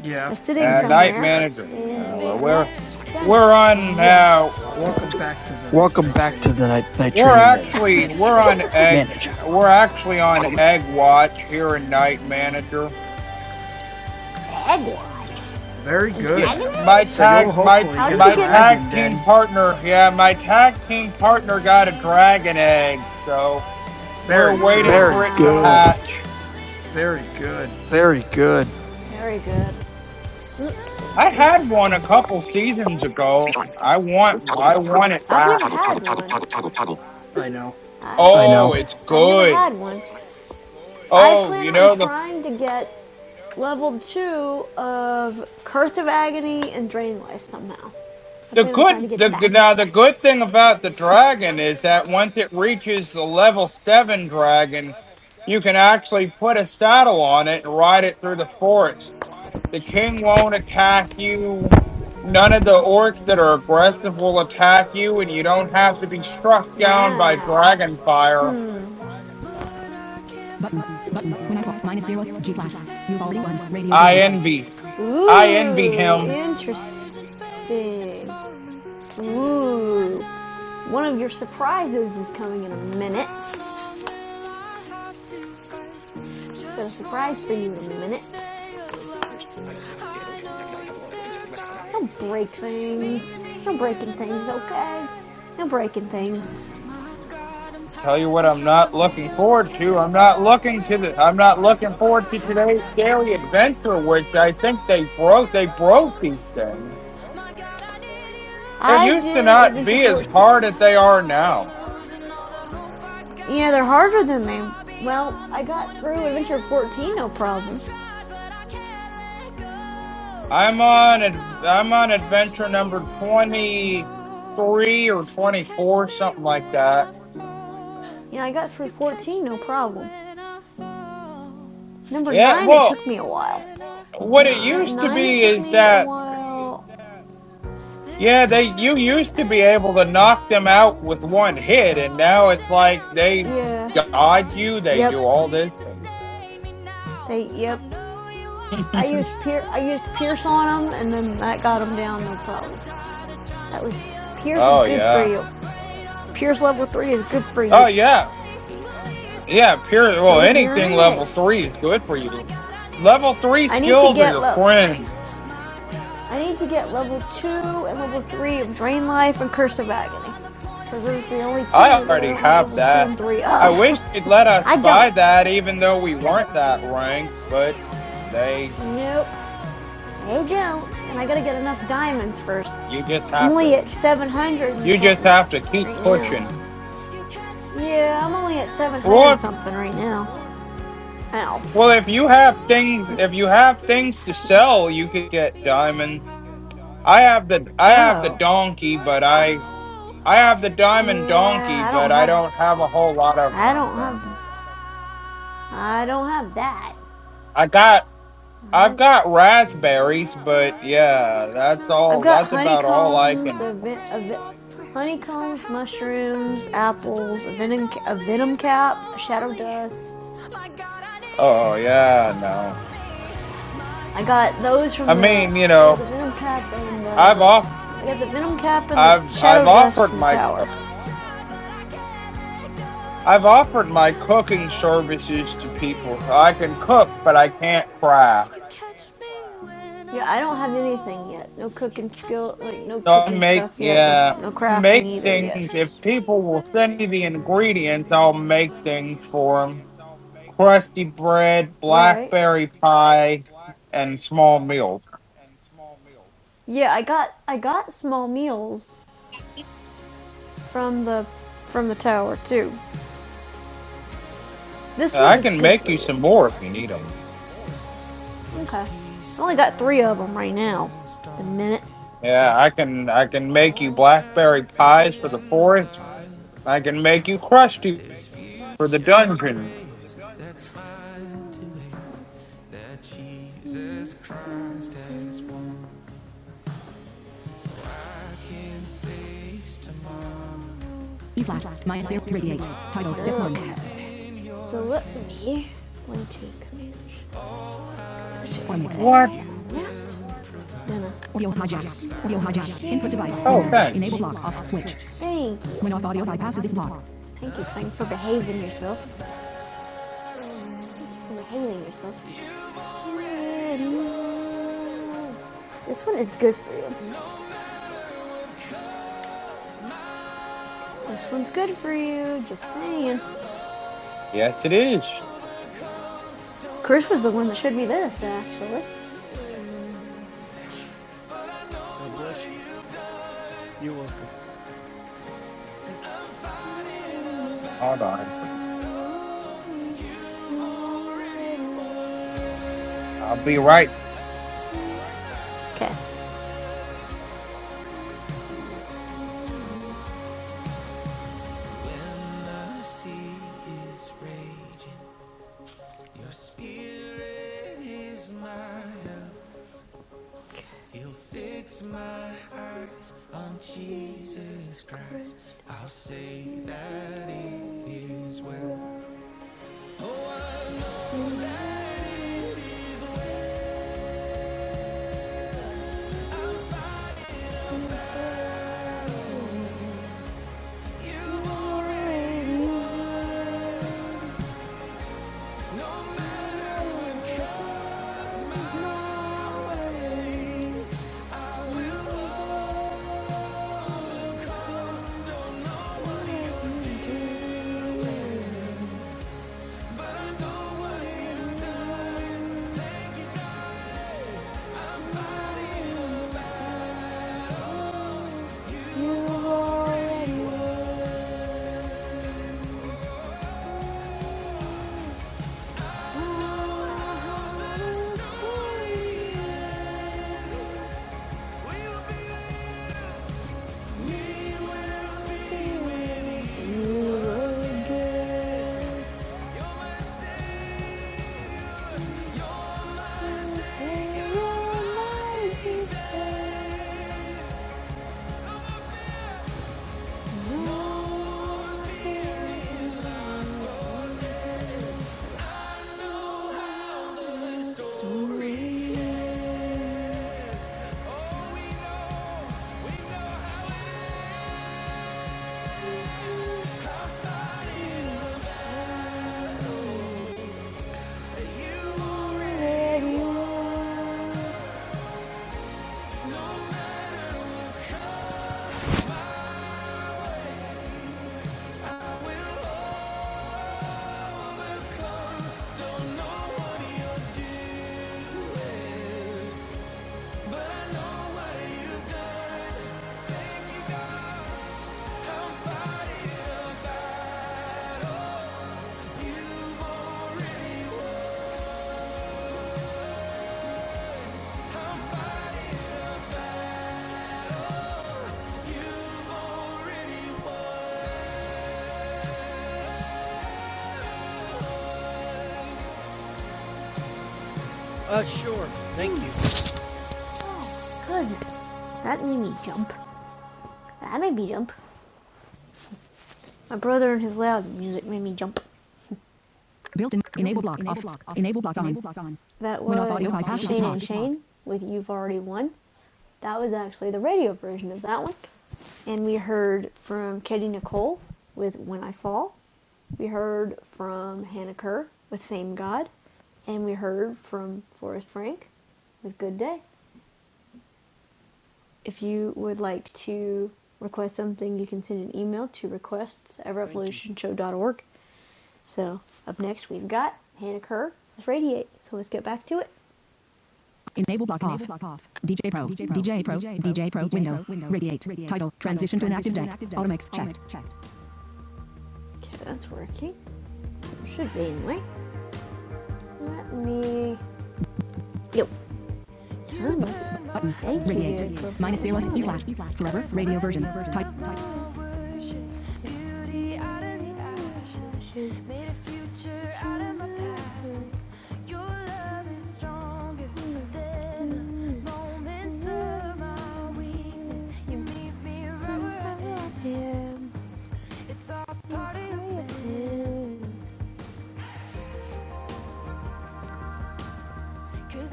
Yeah. They're sitting Uh, night somewhere. That. manager. Uh, And they well, are not we're done we're on. yet. Uh, Welcome back to the Welcome night back training to the night, night We're training man- actually manager. we're on area egg manager. we're actually on Toggle mute. egg watch here in Night Manager. Egg Very good. Yeah, Dragon my egg? So you'll tag my hopefully How get a you my get tag dragon team then. partner. Yeah, my tag team partner got a dragon egg, so we're Very wow. waiting good. for Very it to Wow. good. hatch. Very good. Very good. Very good. Oops. I had one a couple seasons Speech ago. on. I want Toggle I mute. want it I've back. never Toggle toggle had toggle one. toggle toggle toggle. I know. I've I Oh, know. never, it's I've never good. had one. I Oh, plan you on know the trying to get level two of Curse of Agony and Drain Life somehow. I The plan on trying good, to the get that. now the good thing about the dragon is that once it reaches the level seven dragon, you can actually put a saddle on it and ride it through the forest. The king won't attack you. None of the orcs that are aggressive will attack you, and you don't have to be struck down by Wow. dragon fire. Button, button, when I call, minus zero, G flash. You've already won, radio I version. envy, I envy Ooh, him. interesting. Ooh, one of your surprises is coming in a minute. Got a surprise for you in a minute. Don't break things. No breaking things, okay? No breaking things. Tell you what I'm not looking forward to. I'm not looking to the I'm not looking forward to today's daily adventure, which I Please don't think they leave me broke they broke these lonely. things. I They used to did not Adventure be as 14. hard as they Yeah, are now. they're harder than they. Well, I got through Adventure 14, no problem. Yeah, I I'm on ad- I'm on adventure number twenty three or twenty four, something like that. got through 14, no problem. Number Yeah, 9, it well took me a while. what it Nine, used to nine it be took is me a that while. Yeah, There's they you hardly used to be able air to in knock my them out lungs with one with hit, and all the now it's like damage they Yeah. that's been dodge done. you. They do Yep. all this. And, They yep. I used Pier- I used Pierce on him, and then that got him down, no problem. That was Pierce is oh good for yeah. you. Pierce level three is good for Oh you. yeah. Yeah. Pure. Well, So is mirror anything image. level three is good for you. Level three I need to skills are get your level. friend. I need to get level two and level three of Drain Life and Curse of Agony, because those are the only I two that I already don't have have level two that. and three I of. wish they'd let us I buy don't. that, even though we weren't that ranked. But they, Nope. I don't. And I gotta get enough diamonds first. you just I'm have only to. at 700 and You just something have to keep right now. pushing. Yeah, I'm only at 700 Well, and if something right now. Ow. Well, if you have things, if you have things to sell, you could get diamond. I have the I have the Oh. donkey, but I I have the diamond donkey, Yeah, I don't but I have. don't have a whole lot of I don't them. have. I don't have that. I got I don't I've got raspberries, but yeah, that's I've all. got That's about all I honeycombs, can. a ven- a honeycombs, mushrooms, apples, a venom, a venom cap, a shadow dust. Oh yeah, no. I got those I from the. mean, you I got know, the venom cap and I've the. off I got the venom cap and the I've I've shadow dust offered from the my. tower. I've offered my cooking services to people. So I can cook, but I can't cry. Yeah, I don't have anything yet. No cooking skill, like no So I cooking make stuff yet. No, yeah, no I crafting make either yet. things. If people will send me the ingredients, I'll make things for them: crusty bread, Right. blackberry pie, and small meals. Yeah, I got I got small meals from the from the tower too. This one I is can good make for you you. some more if you need them. Okay. I only got three of them right now. a minute. Yeah, I can. I can make you blackberry pies for the forest. I can make you crusty for the dungeon. E flat minus zero three eight, Title Diplomas. So let me. One, two, command. What? One, Audio hijack. Audio hijack. Input device. Oh, Window. Enable thanks. block off switch. Thank you. When off audio bypasses this block. Thank you, Frank, for behaving yourself. Thank you for behaving yourself. This one is good for you. This one's good for you. Just saying. Yes, it is. Chris was the one that showed me this, actually. You're welcome. Hold on. I'll be right Okay. Your spirit is mine. You'll fix my eyes on Jesus Christ. I'll say that it is well. You've already won. No matter what comes my way, I will overcome. What you're doing, I know what you've done. Uh, sure. Thank you. Good. That made me jump. That made me jump. My brother and his loud music made me jump. Built-in. Enable block. enable Off. block off, Enable block on. on. That was When off audio bypass is Shane not- and Shane with You've Already Won. That was actually the radio version of that one. And we heard from Katie Nicole with When I Fall. We heard from Hannah Kerr with Same God. And we heard from Forrest Frank with Good Day. If you would like to request something, you can send an email to requests at revolutionshow.org So up next we've got Hannah Kerr with Radiate. So let's get back to it. Enable block off. DJ Pro. DJ Pro. DJ Pro. Window. Radiate. Title. Transition to an active deck. Automix checked. Okay, that's working. Should be anyway. Let me. Yep. Button. Radiate. Minus zero. E flat. Forever. Radio version. Type. Beauty right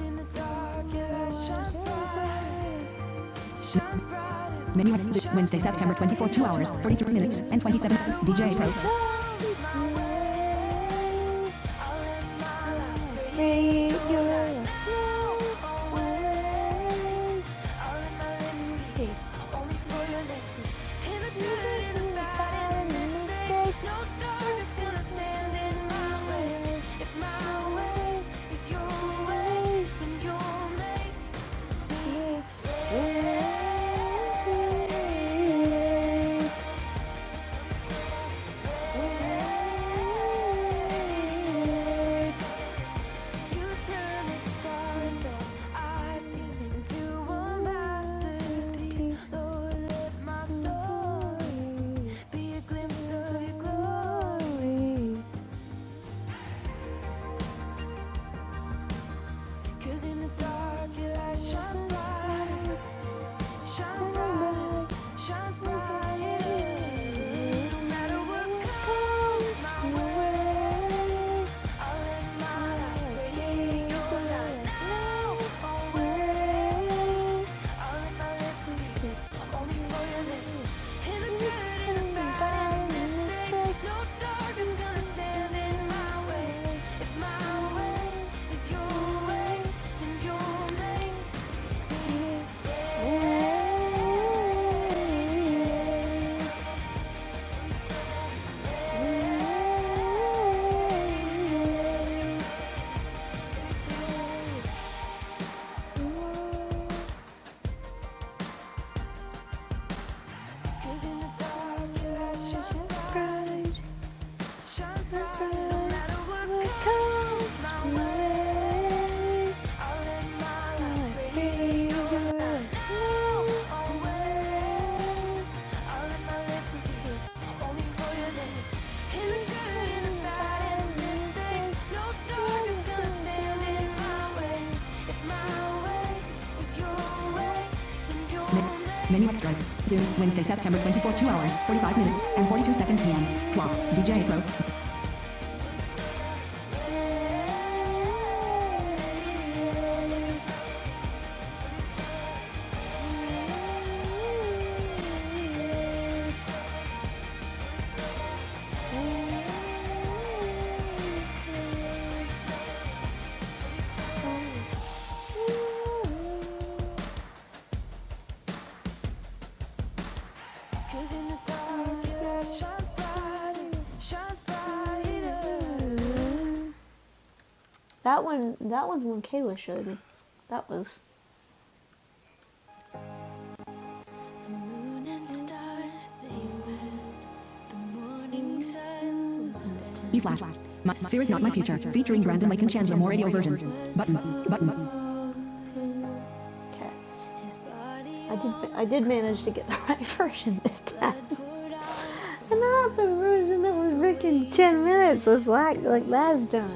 in the dark, your light shines bright. Menu music Wednesday, September 24, 2 hours, 43 minutes, and 27. DJ Pro. If my way is your way, then you'll make Cause in the dark your light shines brighter shines bright, shines bright. yeah. No matter what comes my way, I'll live my life radiate your now, always. I'll let my lips speak, only for you. Cause in the dark, your light bright. shines bright, no matter what comes my way. I'll live my life free. You're now always. I'll let my lips speak only for your name. In the good and the bad and the mistakes, no dog is gonna stand in my way. If my way is your way, then you'll make Menu extras. Zoom, Wednesday, September 24, 2 hours, 45 minutes, and 42 seconds p.m. Wow, DJ Pro, that one, that one's one Kayla showed me. That was. The Moon and stars, they E flat. My, fear is not my future. Featuring Brandon Lake and Chandler Moore radio version. Button. Button. Okay. I did I did manage to get the right version this time. And not the version that was freaking 10 minutes was like, like last time.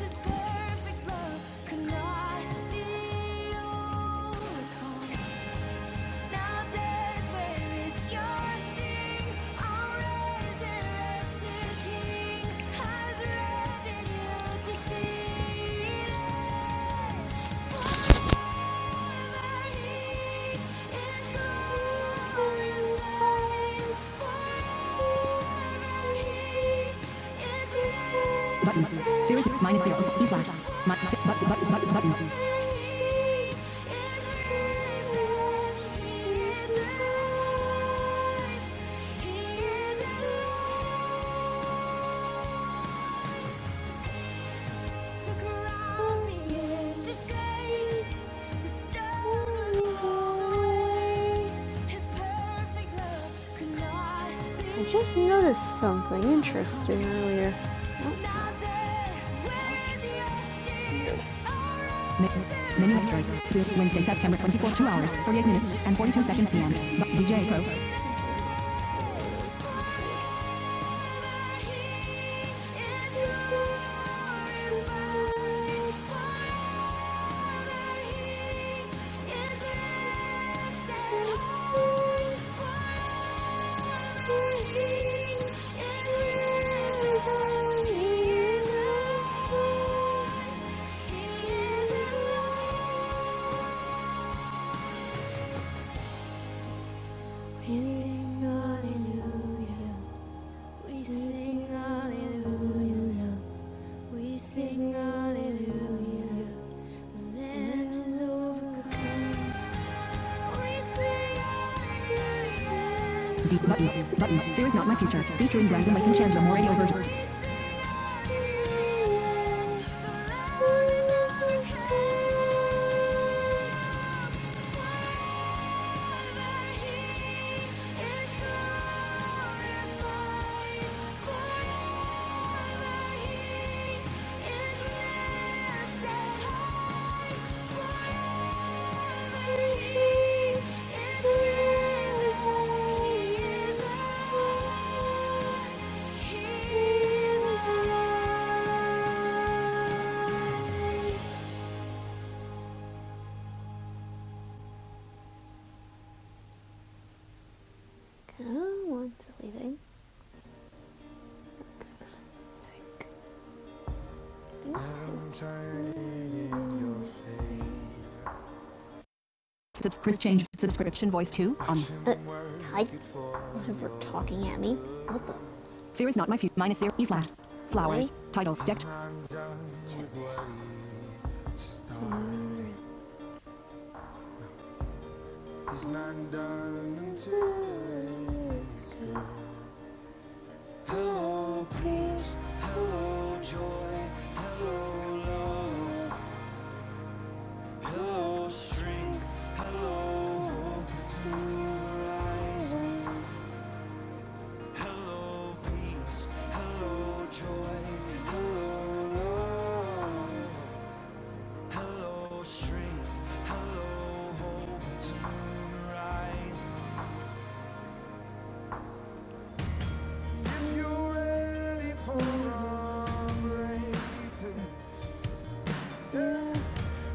His perfect love could not be overcome. Nowadays, where is your sting? Our resurrected King has risen you defeated. Button. Zero zero minus zero. E flash. My, button, button, button, button. He is alive. He is alive. I just noticed something interesting earlier. Oh, Now Midnight Strike. Wednesday, September 24, 2 hours, 48 minutes, and 42 seconds p.m. DJ Pro. We sing hallelujah. We sing hallelujah. We sing hallelujah. The Lamb has overcome. Deep button, button, fear is not my future. Featuring Brandon Lake and Chandler Moore radio version. Oh, one's leaving. Subscribe change subscription voice to on. Uh, hi. Whatever talking at me. Out the Fear is not my fear. Minus zero. E flat. way. Flowers. Really? Title. Decked. It's not done until it's gone. Hello, peace. Hello, joy. Hello, love. Hello, strength. Hello, hope. It's a new horizon. Hello, peace. Hello, joy. Hello, love. Hello, strength. Hello, hope. It's a new horizon. If you're ready for a breakthrough, yeah,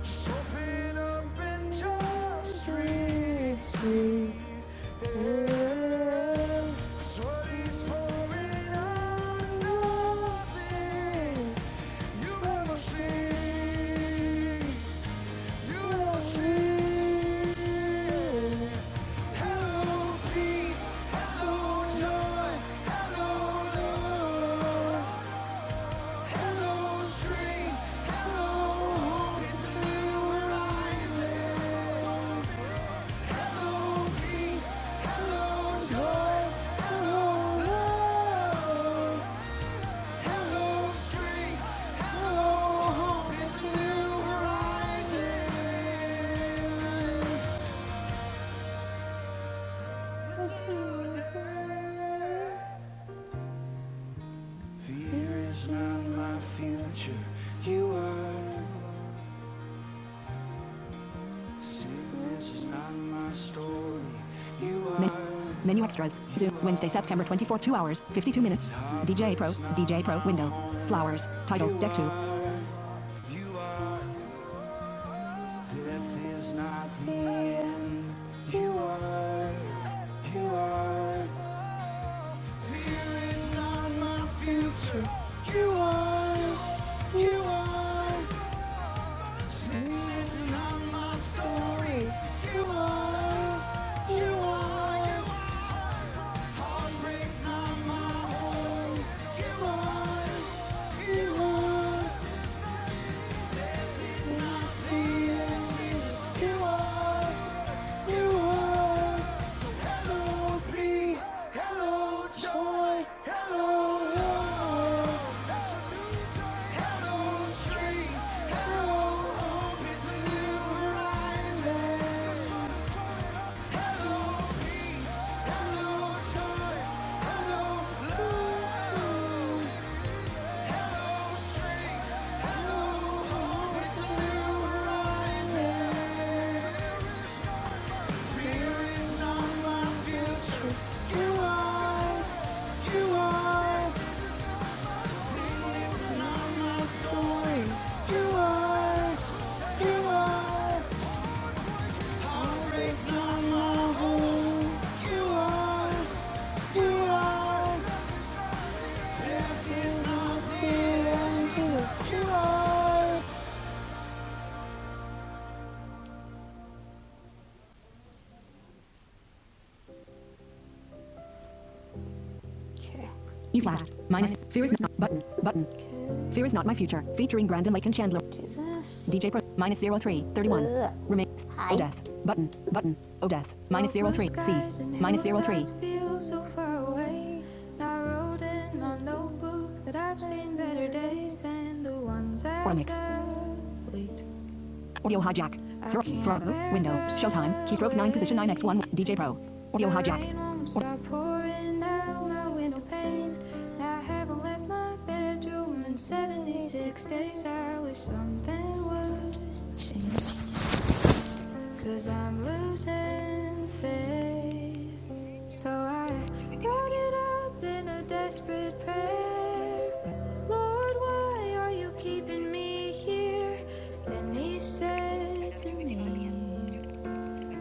just open up and just receive. Yeah, see, you will see. Joy, love, and no strength, no hope is new horizons. Fear is not my future, you are. Sickness is not my story, you are. Menu extras. Zoom. Wednesday, September 24th, 2 hours, 52 minutes. DJ Pro. DJ Pro window. Flowers. Title. Deck 2. You are, death is not the end. You are, you are, fear is not my future. You are, you are, sin is not my story. You are, you are. Hello, joy, hello, love. E flat. Minus. Fear is not. Button. Button. Fear is not my future. Featuring Brandon Lake and Chandler. DJ Pro minus zero three thirty one. Remain. Hi. O death. Button. Button. O death. Minus zero three. C. Minus zero three. Feel so far away. I wrote in my notebook that I've seen better days than the ones I Four mix. Audio hijack. Throw, throw, window, showtime, keystroke 9, position 9x1, DJ Pro. Audio hijack. Stop pouring out my window pane. I haven't left my bedroom in 76 days. I wish something was changed. Cause I'm losing faith. So I wrote it up in a desperate prayer. Lord, why are you keeping me here? Then he said to me,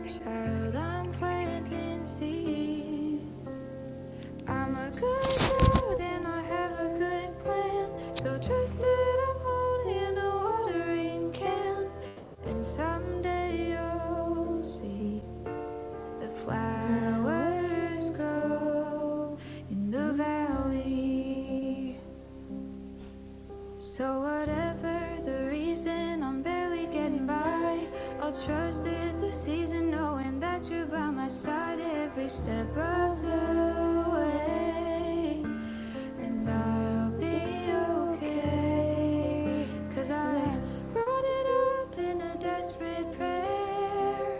Child, I'm planting seeds. I'm a good child and I have a good plan. So trust that I'm holding a watering can. And someday you'll see the flowers grow in the valley. So, whatever the reason, I'm barely getting by. I'll trust it's a season, knowing that you're by my side every step of the way. And I'll be okay. Cause I brought it up in a desperate prayer.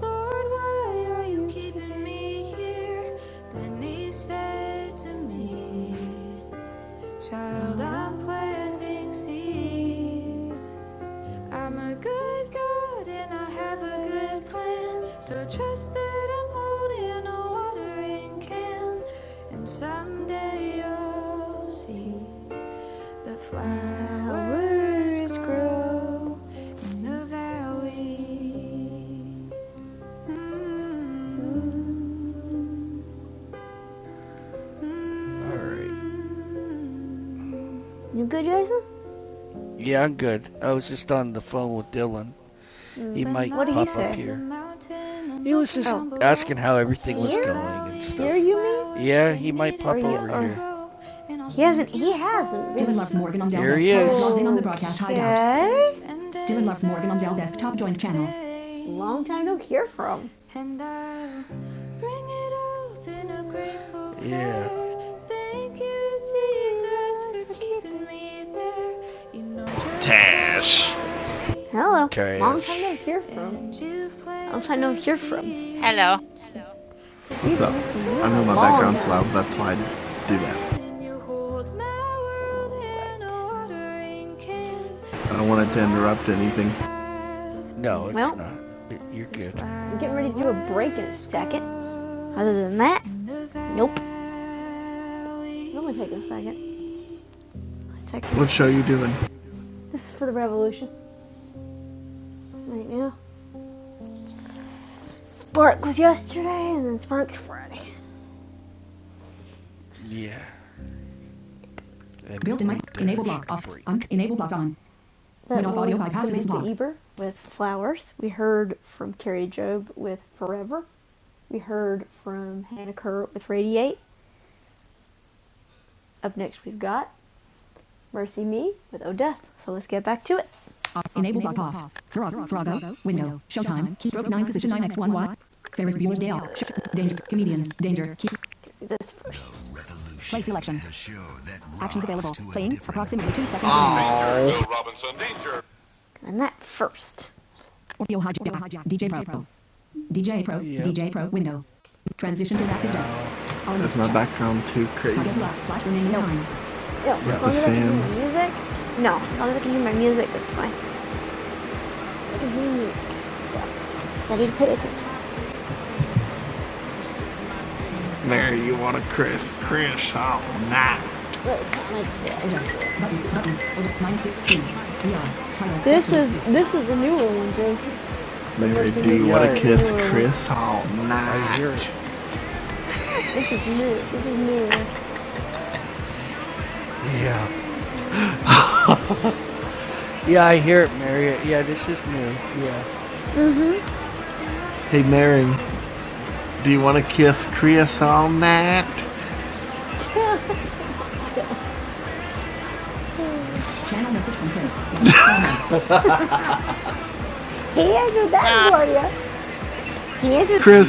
Lord, why are you keeping me here? Then he said to me, Child, I'm planting seeds. I'm a good God and I have a good plan. So trust that I'm holding a watering can. And someday you'll see. The flowers grow in the valley. All right. You good, Jason? Yeah, I'm good. I was just on the phone with Dylan. He might pop up here. He was just Oh. asking how everything was going and Here, stuff. Here, you mean? Yeah, he might pop you- over are- here. He hasn't. He hasn't. Dylan loves Morgan on Dell There he is. Logged in on the broadcast hideout. Okay. Dylan loves Morgan on Dell desktop joint channel. Long time no hear from. Yeah. prayer. Thank you, Jesus, for keeping me there. You know just Hello. Okay. Long time no hear from. Long time no hear from. Hello. What's up? I know my Long. background's loud. Do that. I don't want it to interrupt anything. Oh, Well, not. I'm getting ready to do a break in a second. Other than that, nope. It only take a second. Take- What sh- This is for the revolution right now. Spark was yesterday, and then Spark's Friday. Yeah. Built in my enable block off. enable block on. That Win off audio was with Pastor Eber with Flowers. We heard from Carrie Job with Forever. We heard from Hannah Kerr with Radiate. Up next, we've got Mercy Me with Odeth. So let's get back to it. Enable block off. Frog, Frogo, window, showtime, keystroke 9, position 9, x1, y. Ferris Bueller's Day Off. Danger, comedians. danger, key. This first Play selection. Actions available. Playing, approximately 2 seconds and that first. Audio hijack, DJ Pro, Pro. DJ Pro. DJ Pro window. Transition to active deck. That's my background too crazy? Target locked slash remaining nine. Yo, yeah, as long as I can hear my music. No, as long as I can hear my music, That's fine. I can hear you. I need to put it Button. This is. Mary do what a kiss, Chris. Yeah, I hear it, Marriott. Yeah, this is new. Yeah. Channel message from Chris. He answered that, for you. He answered. Chris.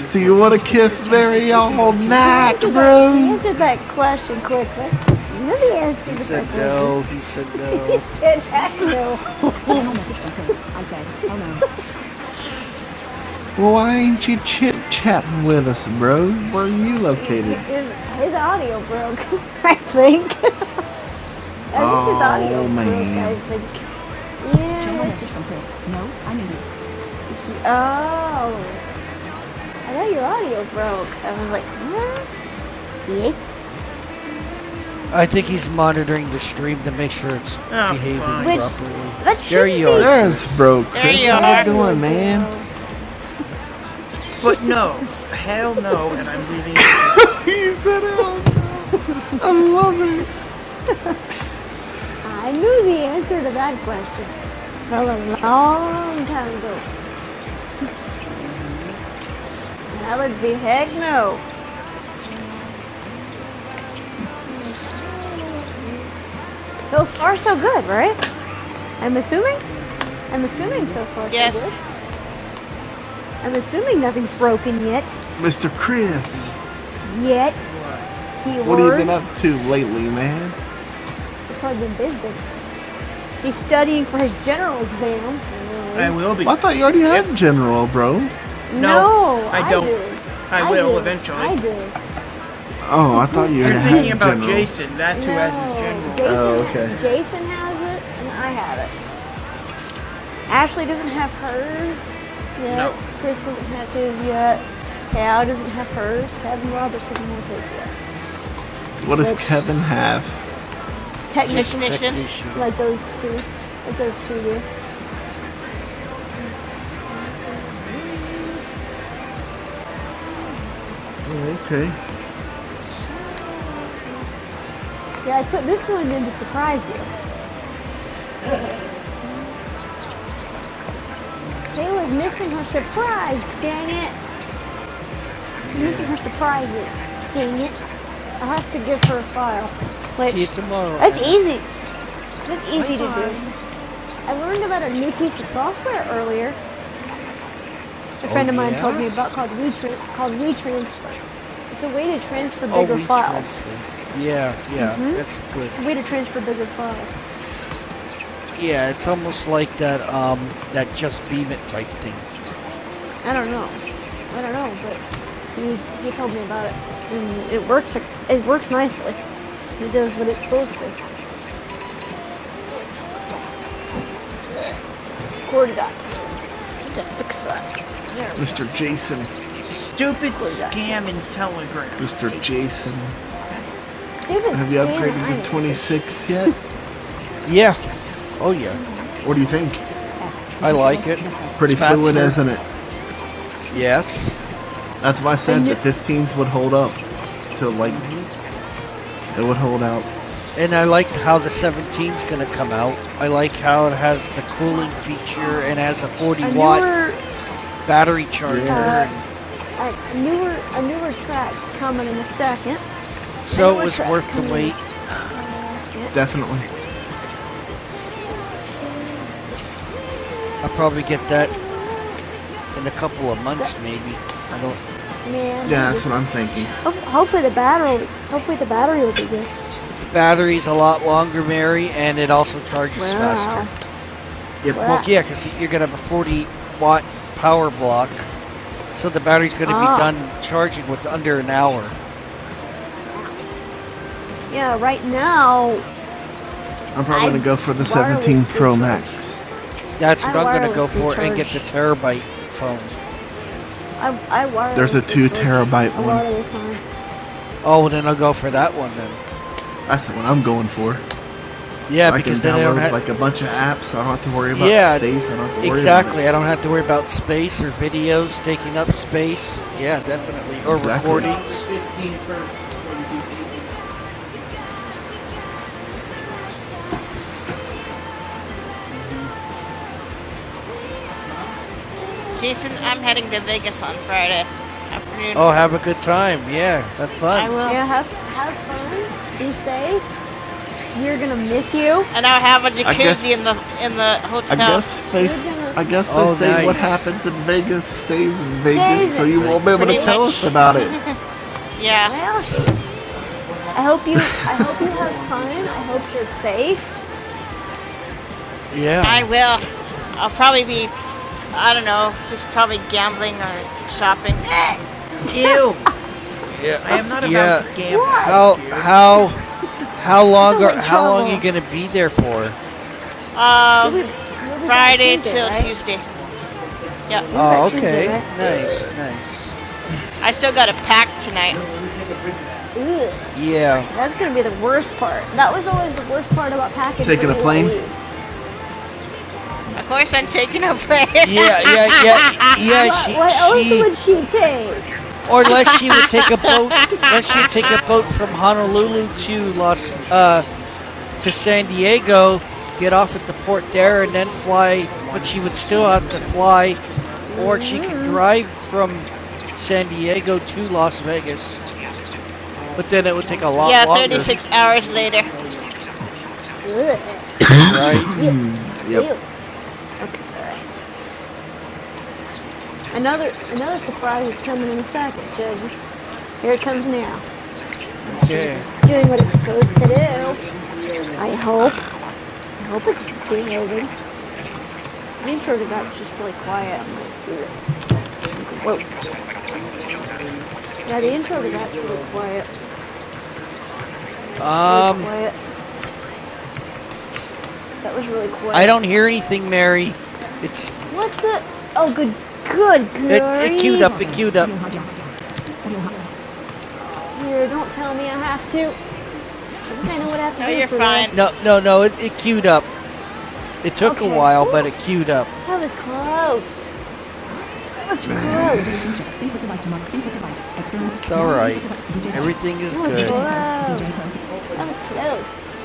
that- bro. He answered that question quickly. You answered the question. He to It heck no. I said, oh no. Why ain't you chit chatting with us, bro? Where are you located? His, his audio broke, I think. I think oh, his audio Oh, man. broke, I think. no Yeah. No, I need it. Oh, I thought your audio broke. I was like, what? Yeah. I think he's monitoring the stream to make sure it's oh, behaving properly. That There should you are. There's bro, There you are. But no, hell no, and I'm leaving. I knew the answer to that question from a long time ago. That would be heck no. So far, so good, right? I'm assuming. I'm assuming so far, so Yes. So good. I'm assuming nothing's broken yet. Mr. Chris, Yet, he what have you been up to lately, man? I've Probably been busy. He's studying for his general exam. I will be. Well, I thought you already Yep. had yep. general, bro. No, No, I I don't. do. I I will do. eventually. I do. Oh, I thought you were thinking about general. Jason. That's no, who has his No, general. Jason, Oh, okay. Jason has it, and I have it. Ashley doesn't have hers yet. No. Chris doesn't have his yet. Cal doesn't have hers. Kevin Roberts doesn't have his yet. What does Which- Kevin have? Technician, Technician. like those two. Like those two do. Okay. Yeah, I put this one in to surprise you. Jayla's missing her surprise, dang it. These are her surprises. Dang it. I'll have to give her a file. Which, See you tomorrow. That's easy. That's easy to do. I learned about a new piece of software earlier. A friend oh, of mine yeah? told yeah? me about called WeTran- called WeTransfer. It's a way to transfer Oh, bigger we files. transfer. Yeah, yeah, mm-hmm. that's good. It's a way to transfer bigger files. Yeah, it's almost like that um that just beam it type thing. I don't know. I don't know, but he, he told me about it. And it works. It works nicely. It does what it's supposed to. Cordy got to fix that. Mr. Jason. Stupid scam and telegram. Mr. Jason. Stupid Have you upgraded to 26 yet? Yeah. Oh yeah. What do you think? I like it. Pretty It's fluid, isn't it? Yes. That's why I said the 15s would hold up to like It would hold out. And I like how the 17's going to come out. I like how it has the cooling feature and has a 40 watt newer, battery charger. Yeah. uh, a newer, a newer track's coming in a second. So it was worth the wait. second. That I'll probably get that in a couple of months, that, maybe. I don't. Man, Yeah, that's what- hopefully the battery, hopefully the battery will be good. The Battery's a lot longer, Mary, and it also charges Wow. faster. Yeah, What? well, yeah, because you're gonna have a 40 watt power block, so the battery's gonna Ah. be done charging with under an hour. Yeah, right now. I'm probably going to go for the 17 Pro charge- Max. That's what I am gonna go for and get the terabyte phone. I, I wirelessly There's a 2 terabyte one. wireless one. Oh, well, then I'll go for that one then. That's what I'm going for. Yeah, So because I can because then download I don't have like a bunch of apps. I don't have to worry about Yeah, space. I don't have to worry exactly. About I don't have to worry about space or videos taking up space. Yeah, definitely. Or Exactly. recording. Jason, I'm heading to Vegas on Friday afternoon. Oh, have a good time. Yeah, have fun. I will. Yeah, have, have fun. Be safe. We're going to miss you. And I have a jacuzzi guess- in the in the hotel. I guess they Oh, say what nice. What happened, Yes, so you want to tell us? yeah. Well, I hope you I hope you have fun. I hope you're safe. Yeah. I will. I'll probably be, I don't know, just probably gambling or shopping. Ew! I am not yeah. about yeah. to gamble. How how how long are how long are you gonna be there for? Um, Friday Tuesday, till right? Tuesday. Yep. Oh, okay. right? Nice, nice. I still got to pack tonight. Ew. Yeah. That's gonna be the worst part. That was always the worst part about packing. Taking a plane? Of course, I'm taking a break. Yeah, yeah, yeah, yeah. She, what else she, would she take? or unless she would take a boat, unless she would take a boat from Honolulu to Los uh, to San Diego, get off at the port there, and then fly. But she would still have to fly, or she could drive from San Diego to Las Vegas. But then it would take a lot yeah, longer. Yeah, 36 hours later. Yep. Okay. Another another surprise is coming in a second, judges. Here it comes now. Yeah. It's Doing what it's supposed to do. I hope. I hope it's behaving. The intro to that's just really quiet. Whoa. Yeah, the intro to that's really quiet. Really Um, quiet. That was really quiet. I don't hear anything, Mary. It's What's the? Oh, good, good good. it, grief. it queued up. It queued up. Here, don't tell me I have to. I think I know what I have to No, do No, you're for fine. this. No, no, no. It, it queued up. It took Okay. a while, but it queued up. That was close. That was close. It's all right. Everything is good. That was good. close. That was close.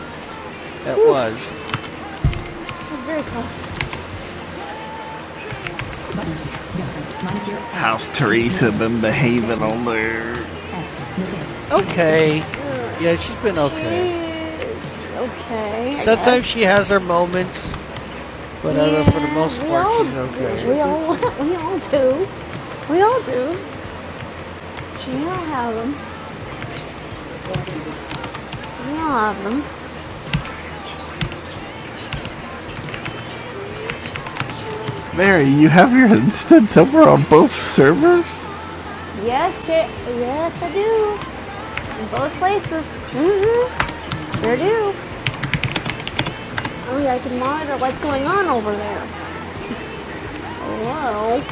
That was. That was very close. How's Teresa been behaving on there? Okay. Yeah, she's been okay. Yes. Okay. Sometimes she has her moments, but yeah, other for the Yeah, most part, all she's do. okay. We all we all do. We all do. You have them. You have them. Mary, you have your instance over on both servers? Yes, J- yes, I do. In both places. Mm-hmm. Sure do. Only I can monitor what's going on over there. Hello.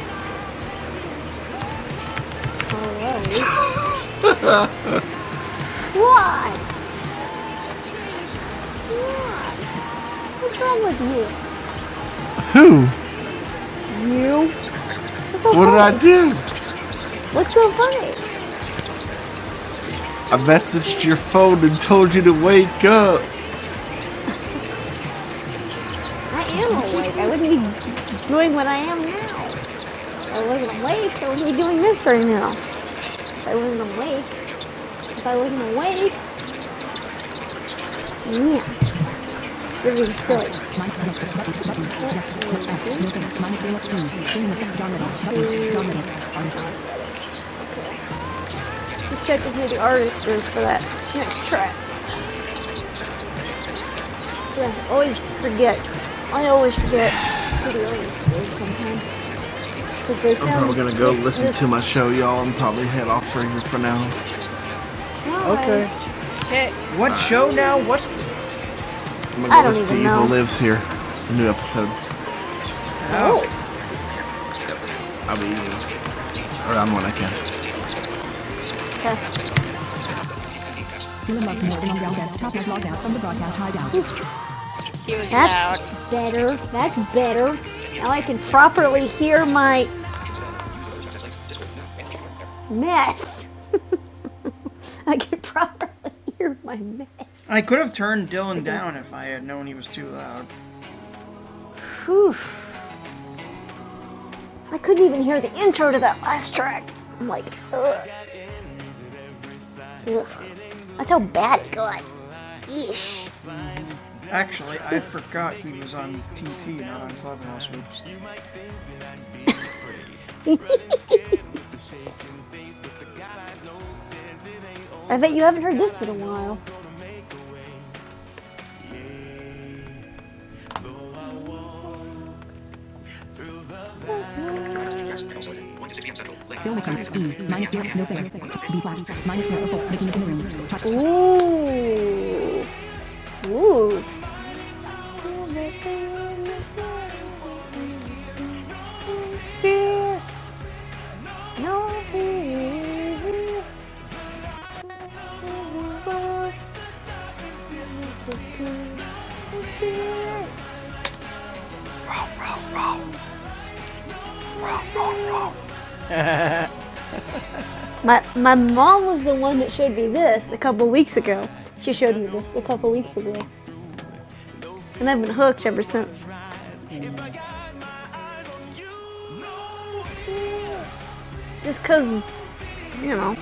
Hello. What? What? What's wrong with you? You? What's so What awake? did I do? What's so funny? What- I am awake. I wasn't doing what I am now. I wasn't awake, I wouldn't be doing this right now. If I wasn't awake, if I wasn't awake, Нет, really Movement. Minus Just checking who the artist is for that next track. Yeah, I always forget. I always forget who the artist is sometimes. they I'm probably gonna go listen to my show, y'all, and probably head off for here for now. Why? Okay. What uh, show now? What? I'm I am going to go don't listen to even Evil Lives here. A new episode. Oh. I'll be around when I can. Okay. That's loud. better. That's better. Now I can properly hear my mess. I can properly hear my mess. I could have turned Dylan down if I had known he was too loud. Whew. I couldn't even hear the intro to that last track. I'm like, ugh. ugh. That's how bad it got. Eesh. Actually, I forgot he was on TT, not on Clubhouse. Oops. I bet you haven't heard this in a while. E. No no My my mom was the one that showed me this a couple weeks ago. She showed me this a couple weeks ago, and I've been hooked ever since. Just 'cause you know,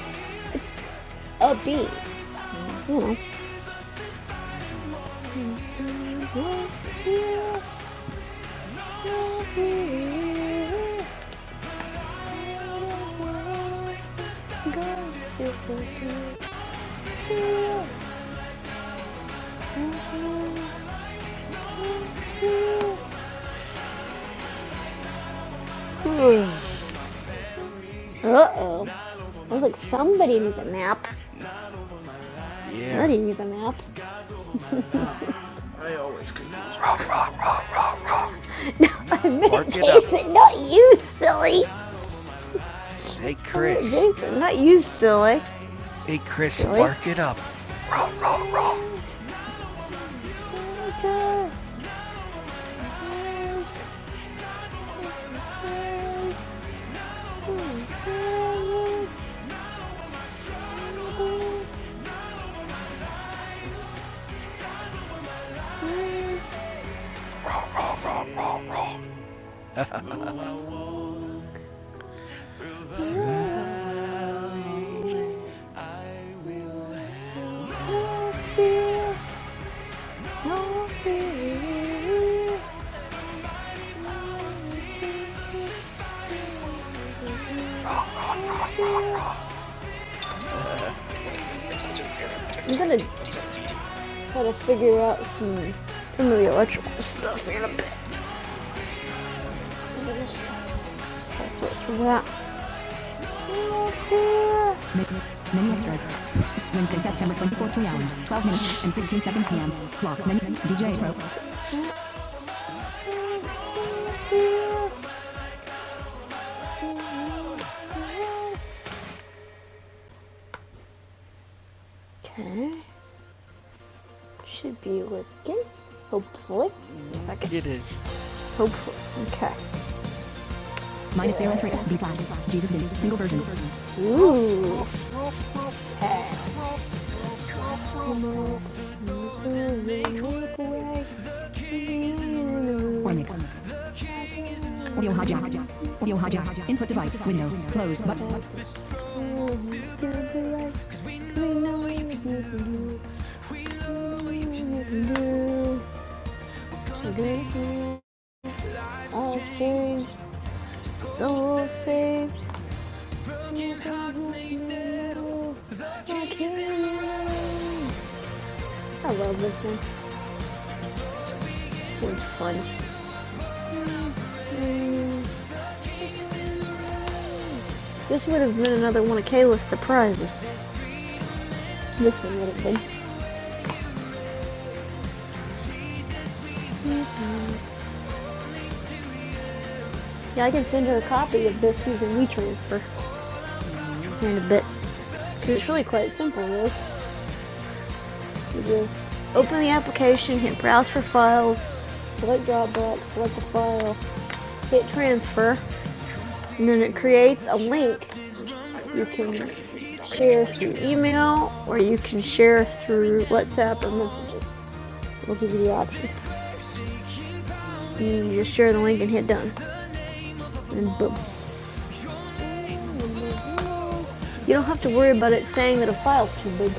upbeat, you know. Uh oh. I was like, somebody needs a nap. Already Yeah. knew the map. Mark Jason, it up. not you, silly. Hey, Chris. Oh, Jason, not you, silly. Hey, Chris, Really? mark it up. I'm gonna try to figure out some some of the electrical stuff in a bit. That's what's for that. Menu extras. Wednesday, September 24, 3 hours, 12 minutes, and 16 seconds p.m. Clock menu. DJ Pro. Okay, should be working. Hopefully, second. Yep. Hopefully, okay. Minus zero three B flat. Jesus is single version. Ooh. Or mix. Audio hijack. Audio hijack. Input device. Windows. Close. Button. All changed, saved. I love this one. This one's fun. This would have been another one of Kayla's surprises. This one would have been. Yeah, I can send her a copy of this using WeTransfer in a bit. 'Cause it's really quite simple, really. You just open the application, hit browse for files, select Dropbox, select the file, hit transfer, and then it creates a link You can share through email or you can share through WhatsApp or messages. We'll give you the options. You just share the link and hit done, and boom. You don't have to worry about it saying that a file's too big.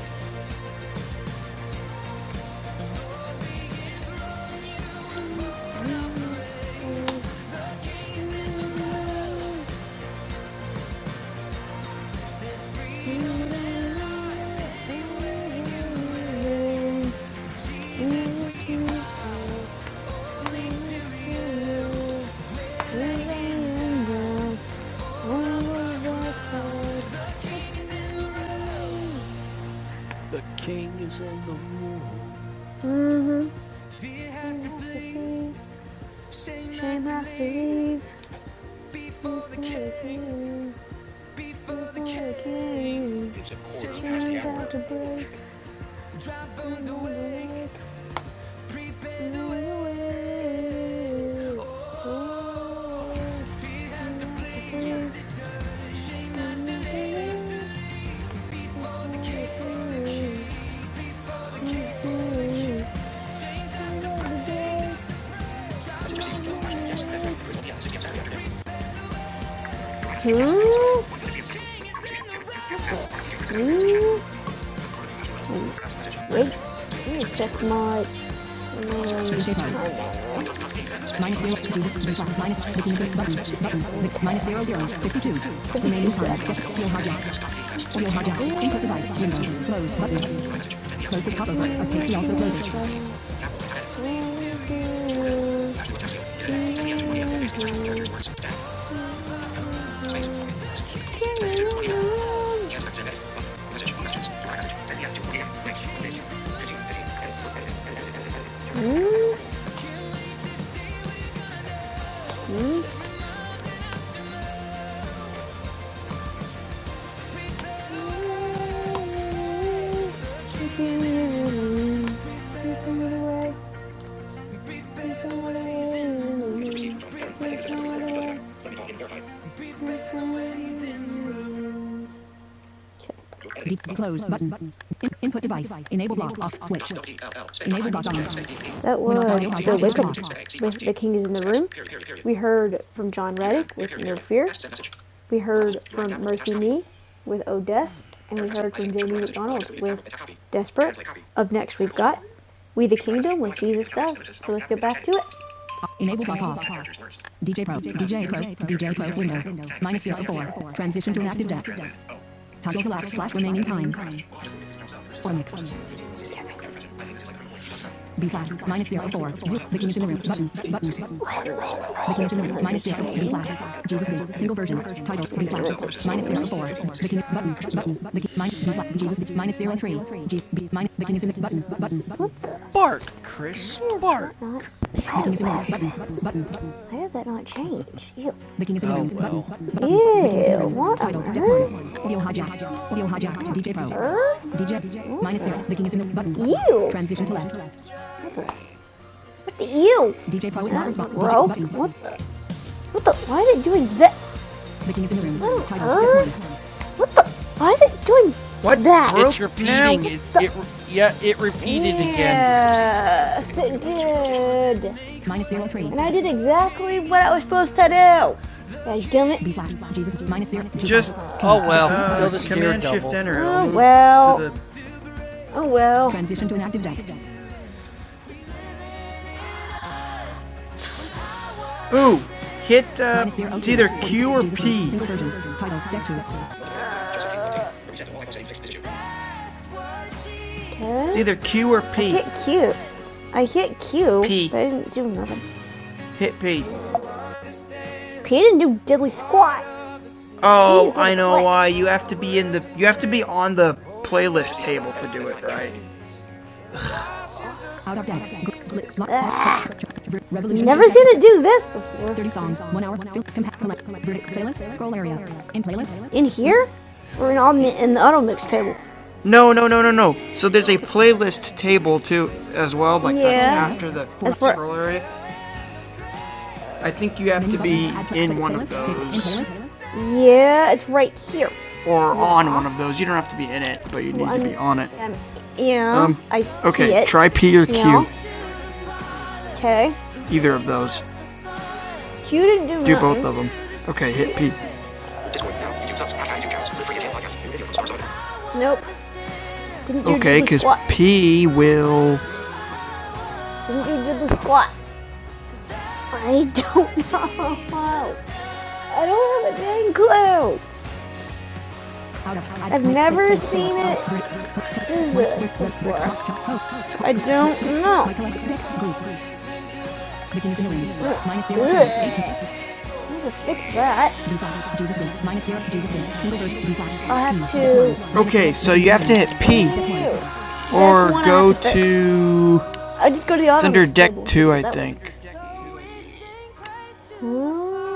Hmm? Wait, check my. Tuesday Remaining time. Steel hard Audio hard Input device. Window. Close. Button. Close the pop-up button. also closed close button. In- input device. Enable block off switch. Enable block on. That was The Wake Up with The King is in the Room. We heard from John Reddick with No Fear. We heard from Mercy Me with Oh Death. And we heard from Jamie with Desperate. Up next, we've got We the Kingdom with Jesus Does. Let's get back to it. Enable block off. DJ Pro. DJ Pro. DJ Pro window. Minus zero four. Transition to an active deck. Time total out slash remaining time. Or mix. B flat minus zero four. The king is in the room. Button. Button. The king is in the room. Minus zero. B flat. Jesus is single version. Title B flat minus zero four. The king button button. The king minus B flat. Jesus Dave. minus zero three. G B minus the king is in the button button. Button. The king is in the room. Button button. Why did that not change? Ew. The king is in the room. Button button. Ew. What Title Audio hijack. Audio hijack. DJ Pro. DJ minus zero. The king is in the button. Ew. Transition to left. You, DJ Pro is not responsible. bro. What the? What the? Why is it doing that? The king is in the room. What on earth? Why is it doing What? that? It's repeating. It, it, yeah, it repeated yeah. again. Yes, it did. Minus zero three. And I did exactly what I was supposed to do. God damn it. B flat. Jesus. Minus zero. Just oh well, Uh, command shift enter. Oh well. Oh well. Transition to an active deck. Ooh, hit. Uh, it's either Q or P. It's Huh? either Q or I P. I hit Q. I hit Q, P. but I didn't do nothing. Hit P. P didn't do diddly squat. Oh, I know why. You have to be in the. You have to be on the playlist table to do it, right? Out of decks. Never seen it do this before. 30 songs. 1 hour. Playlist. Scroll area. In playlist. In here? Or in, all, in the auto mix table? No, no, no, no, no. So there's a playlist table too, as well. Like yeah. that's Yeah. after the scroll area. I think you have to be in one of those Yeah, it's right here. or on one of those. You don't have to be in it, but you need one, to be on it. Um, yeah, Um, I see Okay, See it. try P or Yeah. Q. Yeah. Okay. Either of those. You didn't do Do none. both of them. Okay, hit P. Nope. Didn't you Okay, because P will. Didn't you do the squat? I don't know. I don't have a dang clue. I've never seen it do this before. I don't know. But I'll have to Okay, so you have to hit P. Or go to to. I just go to the auto. It's under deck two, I think.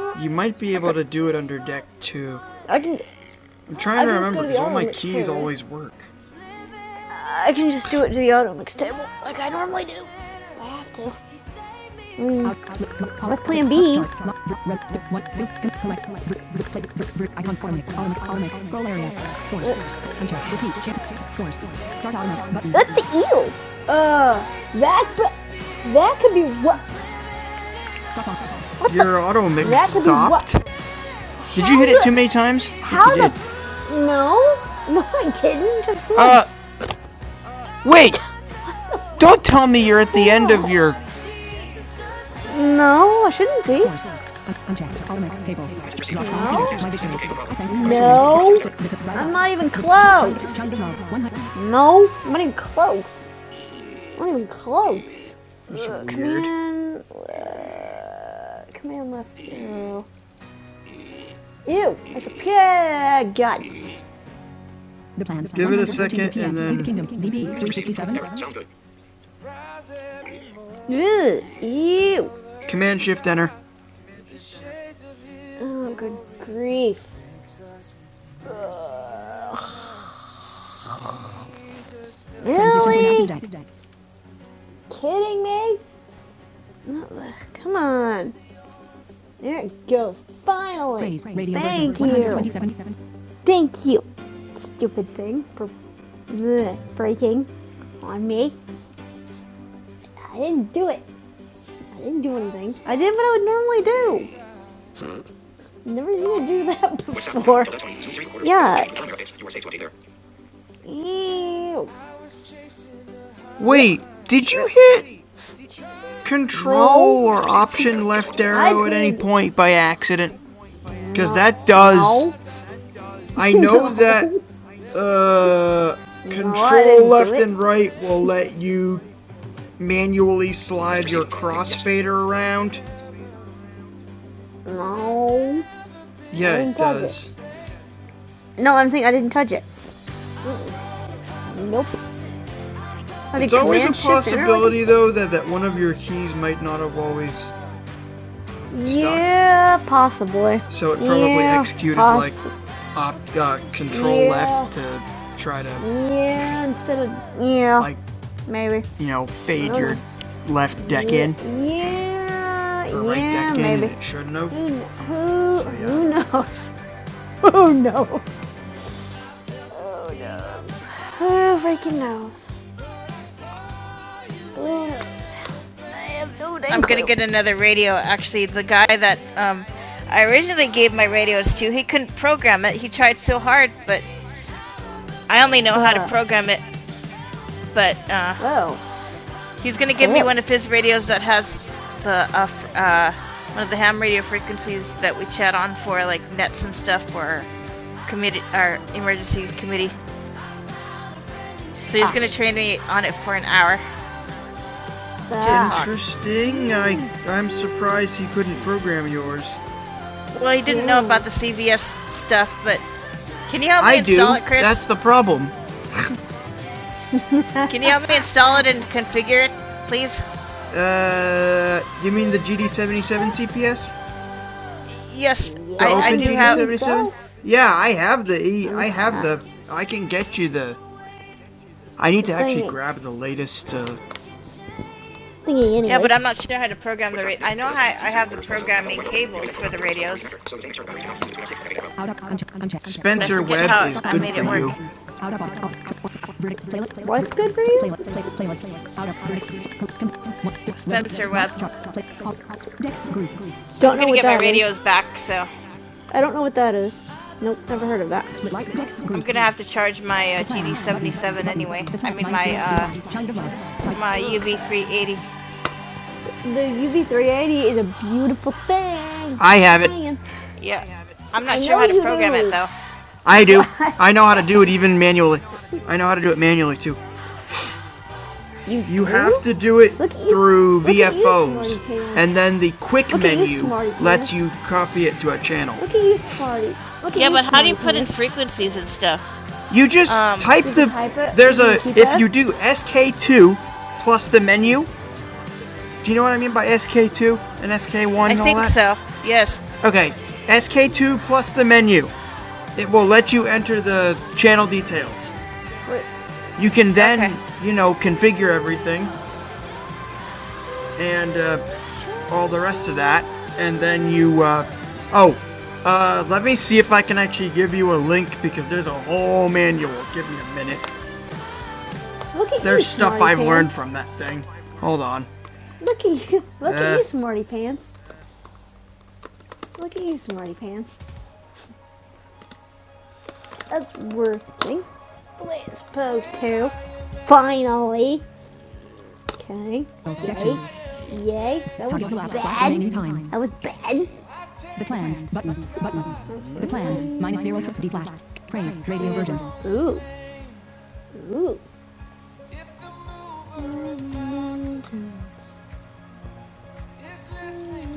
One. You might be able to do it under deck two. I can I'm trying to I can remember because all my keys too, right? always work. I can just do it to the auto mix table like I normally do. I have to. Let's plan B. That's the eel. Uh, that that could be what Your auto mix stopped. Did you hit it too many times? How the? No, no, I didn't. Just once. Uh, wait! Don't tell me you're at the end of your. no, I shouldn't be. No. No. I'm I'm not even close. No, I'm not even close. I'm not even close. Command. Uh, command left arrow. Ew, like a pig. God The plans. Give it a second and then- the kingdom. DB 367. Sounds good. Ew, Command Shift Enter. Oh, good grief. Ugh. Really? Kidding me? Come on. There it goes. Finally. Thank you. Thank you. Stupid thing for breaking on me. I didn't do it. I didn't do anything. I did what I would normally do. Never seen you do that before. Yeah, Wait, did you hit control no. or option left arrow at any point by accident? Because that does. No. I know No. that uh, control did left and right will let you manually slide your crossfader around. No. Yeah, it touch it. does. No, I'm saying I didn't touch it. Nope. It's always a possibility, though, that, that one of your keys might not have always Yeah, possibly. So it probably Yeah, executed poss- like op, uh, control Yeah. left to try to Yeah, instead of yeah, like maybe. you know fade oh. your left deck yeah, in Yeah, or right yeah, deck in. maybe. in. And it shouldn't have. Who, who, So, yeah. who knows? Who knows? Who knows? Who freaking knows? Who knows? I'm gonna get another radio. Actually, the guy that um, I originally gave my radios to, he couldn't program it. He tried so hard, but I only know uh, how to Uh-huh. program it. But uh, Whoa. he's gonna give oh. me Yeah. one of his radios that has the uh, uh, one of the ham radio frequencies that we chat on for like nets and stuff for committee our emergency committee. So he's gonna train me on it for an hour. Ah. Interesting. I I'm surprised he couldn't program yours. Well, he didn't Ooh. know about the CVS stuff, but can you help me I do. install do. it, Chris? That's the problem. Can you help me install it and configure it, please? Uh, you mean the GD77 CPS? Yes, The I, I Open do GD77? Yeah, I have the E. I have the. I can get you the. I need to actually grab the latest. Uh, anyway. Yeah, but I'm not sure how to program the. Ra- I know how I have the programming cables for the radios. Spencer Webb is good for you. What's good for you? Spencer Webb. Dex group. Don't I'm gonna get my radios back, so I don't know what that is. Nope, never heard of that. I'm gonna have to charge my uh, GD77 anyway. I mean my uh, my UV380. The UV380 is a beautiful thing. I have it. Yeah. I'm I have it. I'm not I sure how to program do. it though. I do. I know how to do it even manually. I know how to do it manually too. You do? have to do it through look at VFOs, and then the quick menu lets you copy it to a channel. Look at you, smarty. Yeah, but how do you put in frequencies and stuff? You just Um, type the. type it, there's a. If you do SK2 plus the menu, do you know what I mean by SK2 and SK1 I and all think all that? so. Yes. Okay, SK2 plus the menu. It will let you enter the channel details. Wait. You can then, Okay. you know, configure everything and uh, all the rest of that. And then you, uh, oh, uh, let me see if I can actually give you a link because there's a whole manual. Give me a minute. Look at There's you, stuff I've pants. learned from that thing. Hold on. Look at you. Look Uh. at you, smarty pants. Look at you, smarty pants. That's working. Let's pose two. Finally. Okay. Protection. Yay. That was bad. That was bad. The plans button. The plans minus zero to D flat. Praise radio version. Ooh. Ooh.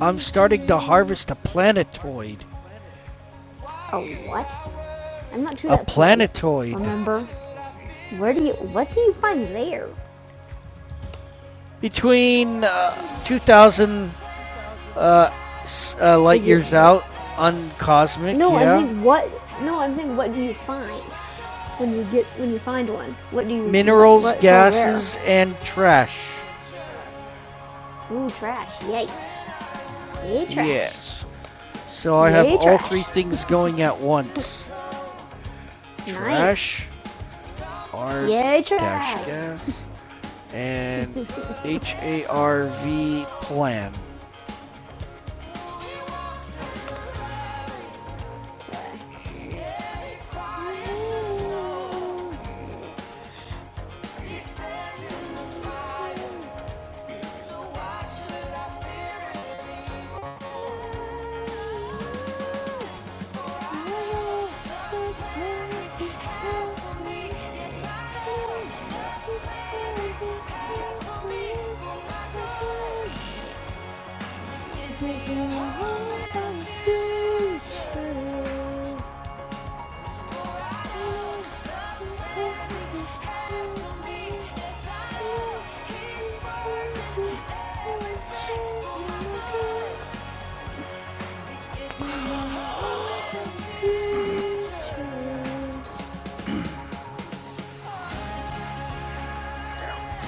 I'm starting to harvest a planetoid. A what? I'm not sure. A planetoid. Remember? Where do you? What do you find there? Between uh, 2000 uh, light years out on cosmic. No, yeah. I mean what? No, I'm saying what do you find when you get when you find one? What do you minerals, what- gases, and trash. Ooh, trash! Yay! Yay, trash! Yes. So I Yay, have Yay, all three things going at once. Nice. Trash, R Yay, dash trash! Dash gas, and H A R V plan.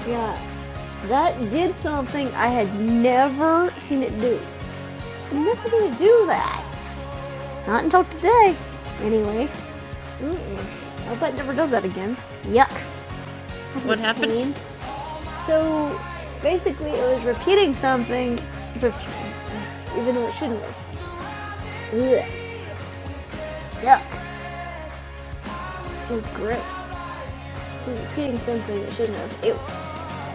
Yeah. That did something I had never seen it do. I'm never gonna do that. Not until today, anyway. Mm-mm. I hope it never does that again. Yuck. What happened? So basically, it was repeating something, even though it shouldn't have. Ugh. Yuck. So gross. It was repeating something it shouldn't have. It,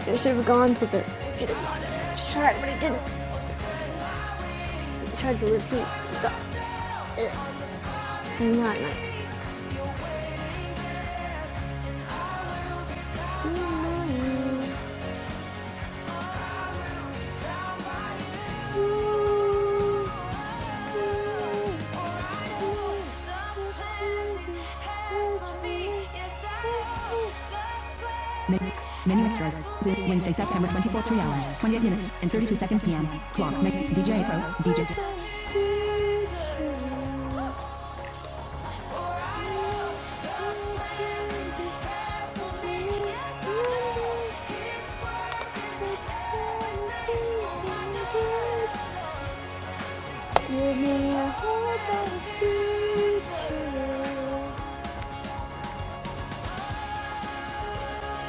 it should have gone to the. Should have gone to the track, but it didn't. It tried to repeat stuff. Ugh. Not nice. Not nice. Menu, extras. Wednesday, September 24, 3 hours, 28 minutes, and 32 seconds p.m. Clock, DJ Pro, DJ. Give me a hope and a future. Okay,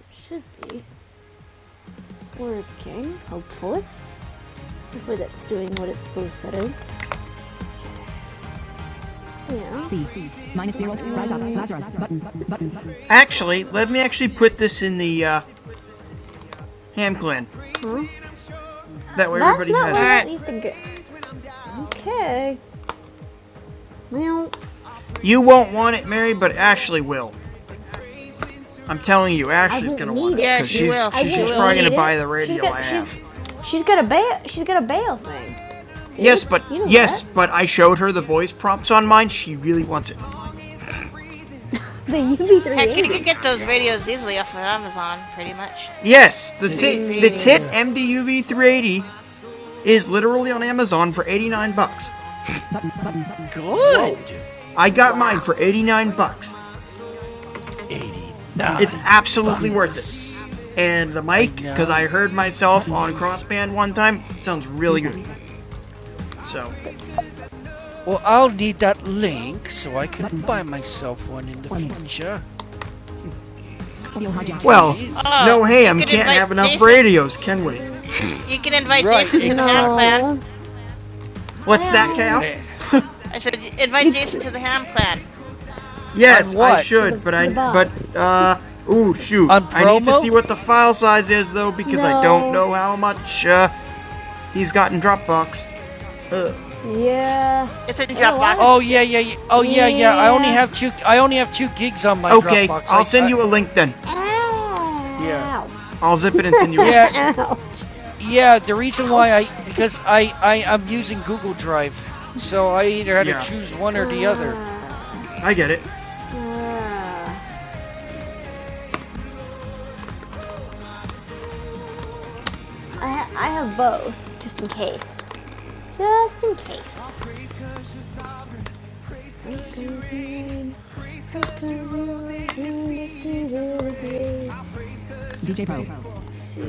It should be working, hopefully. Hopefully that's doing what it's supposed to do. C. Minus zero. Rise up. Lazarus. Button. Actually, let me actually put this in the uh, ham clan. That way That's everybody has it. I Okay. Well, You won't want it, Mary, but Ashley will. I'm telling you, Ashley's gonna want it. it. Yeah, she she's, will. I She's will probably gonna buy the radio She's I she's- have. She's she's got a bail. She's got a bail thing. dude. Yes, but You know yes, that. but I showed her the voice prompts on mine. She really wants it. that. The UV380. Heck, you can get those radios easily off of Amazon, pretty much. Yes, the tit, the tit MDUV 380 is literally on Amazon for 89 bucks. Good. Whoa. I got wow. mine for 89 bucks. Nine It's absolutely bucks. worth it. and the mic because I heard myself on crossband one time. It sounds really good. So Well, I'll need that link so I can buy myself one in the future. well, Please. no ham can't have enough Jason. radios, can we? You can invite Right. Jason to no. the Ham Clan. What's that, Cal? Eh, I said, invite Jason to the Ham Clan. Yes, I should, but I but uh. Ooh, shoot. I need to see what the file size is, though, because no. I don't No. know how much uh, he's got in Dropbox. Yeah. It's in Dropbox. Oh yeah, yeah, yeah. Oh yeah, yeah. I only Yeah. have two. I only have two gigs on my Okay, Dropbox. Okay, I'll I, send you a link then. Ow. Yeah. I'll zip it and send you. Yeah, Ow. yeah. The reason why I because I I am using Google Drive, so I either had Yeah. to choose one or the other. Ah, I get it. ah. I, ha- I have both, just in case. Just in case. DJ Pro.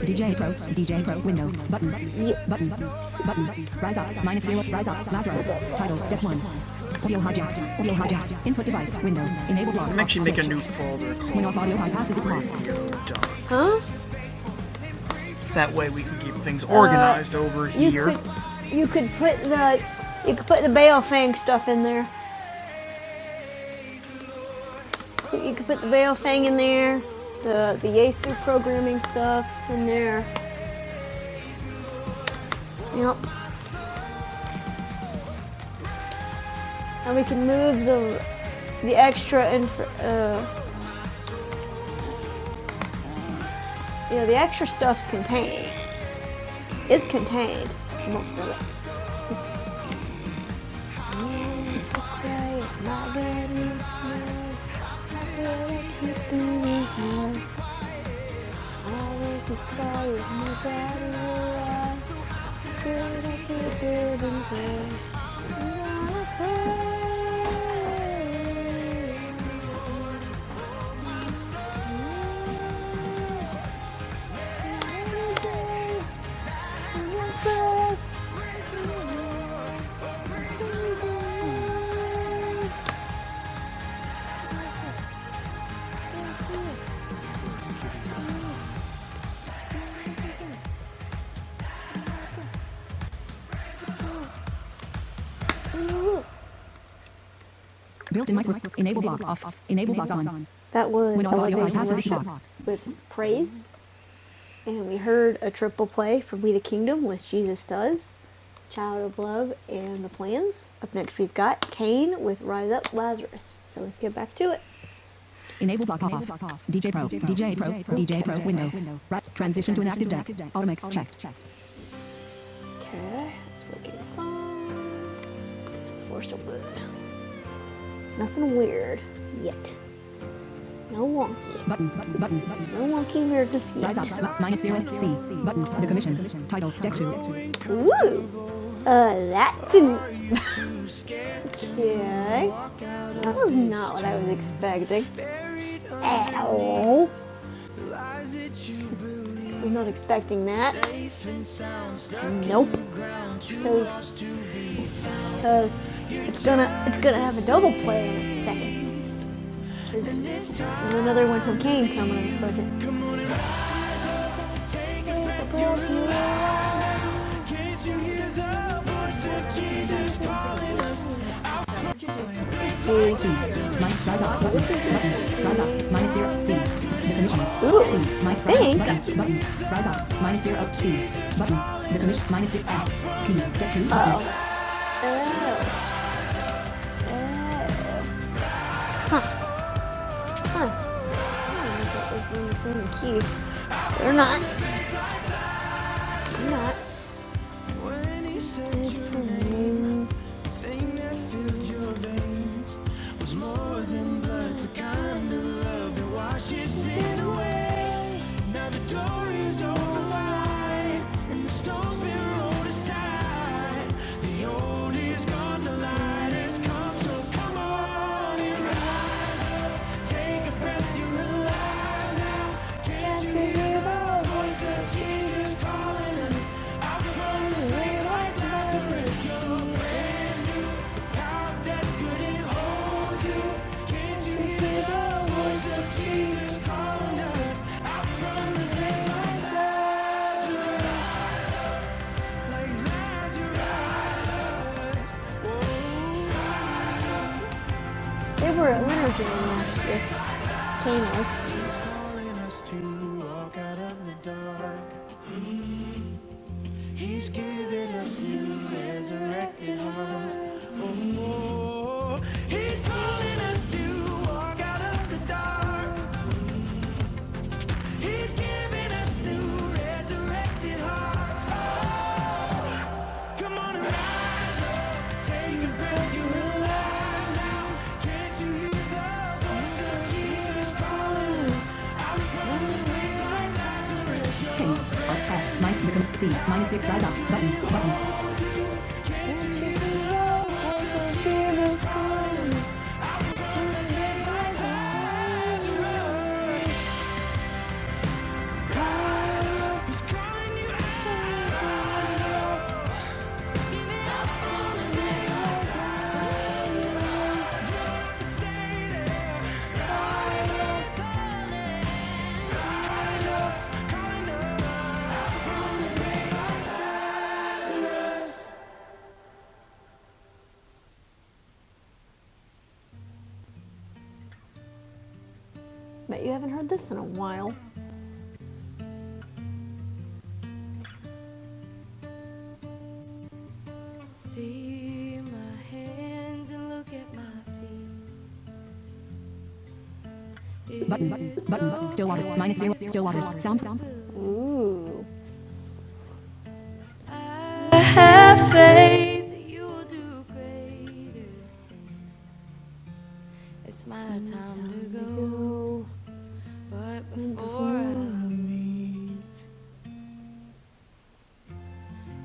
DJ Pro. DJ Pro. Window. Button. yeah, Button. Button. Rise up. Minus zero. Rise up. Lazarus. Title. Depth one. Audio hijack. Audio hijack. Input device. Window. Enable block. I'm actually make a new folder When called audio bypasses is block. Huh? That way we can keep things organized uh, over You here. could, you could put the, you could put the Balefang stuff in there. You could put the Balefang in there, the the Yasu programming stuff in there. Yep. And we can move the the extra inf- uh, yeah, the extra stuff's contained. It's contained. Most of it. Okay, I'm not ready. It's Built-in micro. Enable block off. Enable block on. That was When with Praise, and we heard a triple play from We the Kingdom with Jesus Does, Child of Love, and The Plans. Up next, we've got Kane with Rise Up Lazarus. So let's get back to it. Enable block off. DJ Pro. DJ Pro. DJ Pro. Window. Right. Transition to an active deck. Automix checked. Okay, let's look at the song. Force of good. Nothing weird yet. No wonky. Button, button, button, button. No wonky weirdness yet. Rise up, yet. minus zero, C. Button, the commission. Title, deck two. Ooh. Uh, that didn't. Okay. That was not what I was expecting. At I'm not expecting that. Nope. Because, because it's gonna, it's gonna have a double play in a second. There's another one from Kane coming in a second. Three C. Minus rise up button. Button. Rise up. Minus zero C. The commissioner. C. My thanks. Button. Button. Rise up. Minus zero C. Button. The commission. Minus zero F. P. Deck two. Button. Huh. Huh. key. Or not. not. Can't you hear the voice of Jesus calling us out from the grave like Lazarus? They were at Winter Jam last year. Team was. He's giving us new resurrected hearts. Come on and Take a breath, you Can't like C, minus 6, rise up, button, button. like give it up for the day. Bet you haven't heard this in a while. See my hands and look at my feet. Button, button, button, button, still water, minus zero, still waters, sound, sound. I have faith that you will do greater. It's my time to go. But before I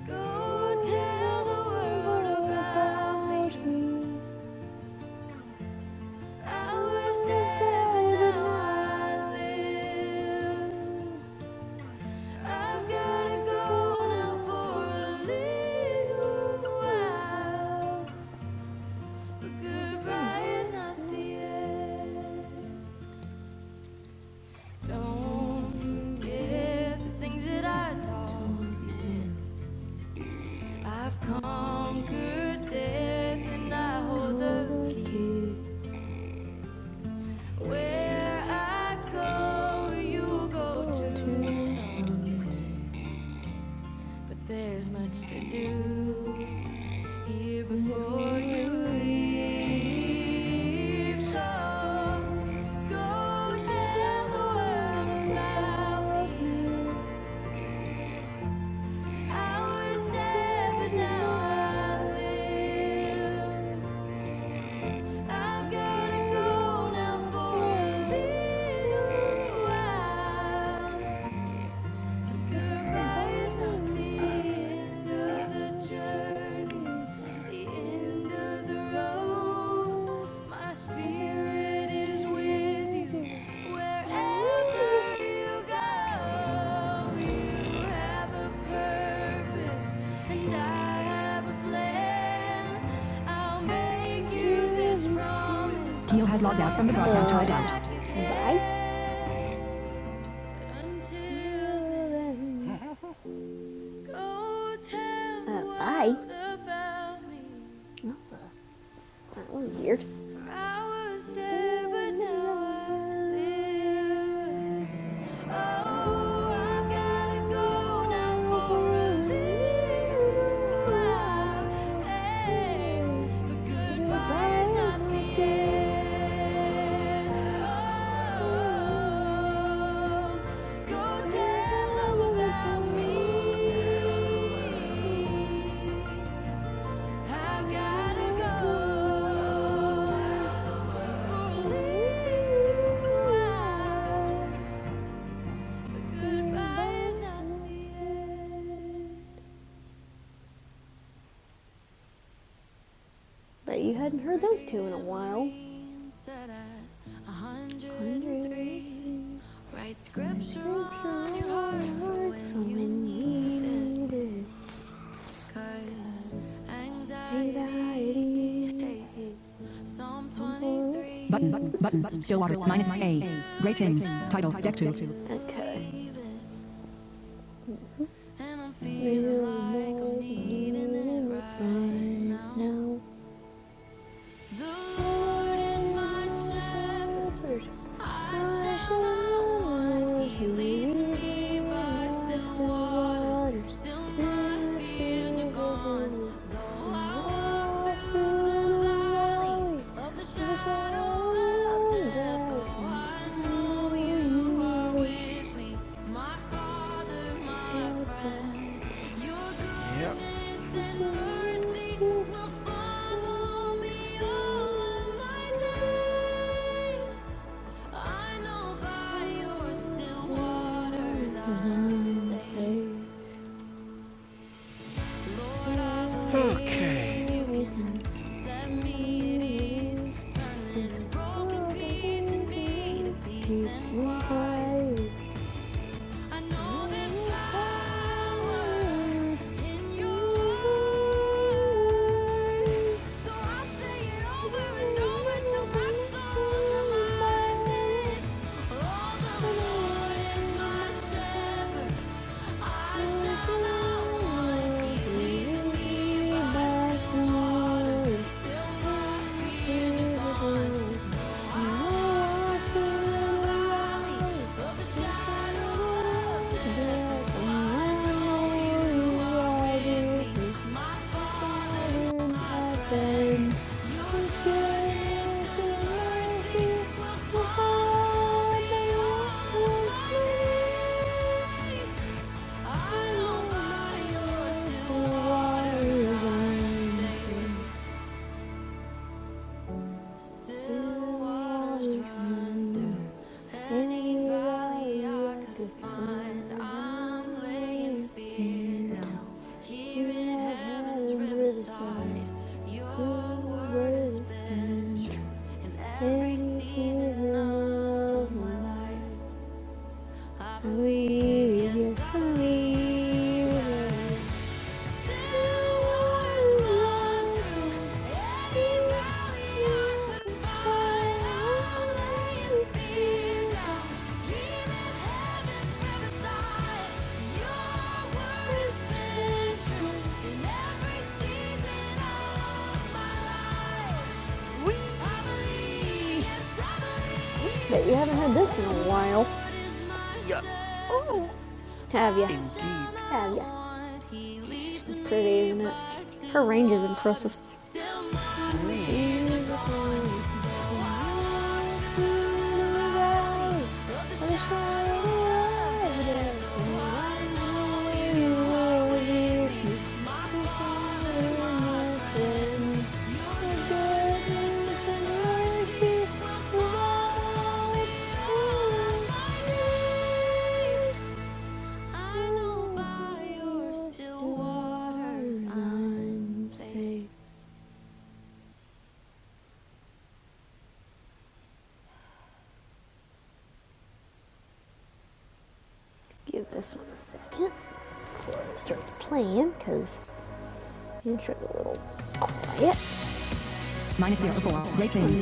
go, tell the world about me. Don't forget the things that I taught. I've conquered death and I hold the keys. Where I go, you go too. But there's much to do here before you leave. So go tell the world about me. I was dead, but now I live. i have got to go now for a little while. Goodbye Keo has logged out from the broadcast Come hideout. back Uh, bye. Oh, that was weird. Oh, Hey, Oh, Bet you hadn't heard those two in a while. 103. Write scripture on your heart when you need it. Button, button, button, button. Stillwater, minus my A. Ratings, title, deck 2. Okay. Maybe we Lord is my shepherd. I shall not be moved. My fears are gone. Though I walk through the valley of the shadow of death, I will fear no evil. My father, my friends, His mercy will follow me all of my days. I know by your still waters I'm safe. You can let me ease. This broken piece in me to peace and quiet. I know there's power in your word. So I will say it over and over till my soul's reminded. All the Lord is my shepherd. Thank you. Every season of my life, I believe, yes, I believe. But you haven't had this in a while, have you? Have you? It's pretty, isn't it? Her range is impressive. I know you're still waters I'm safe. Give this one a second before it starts playing, because intro a little quiet. Minus zero four. Great things.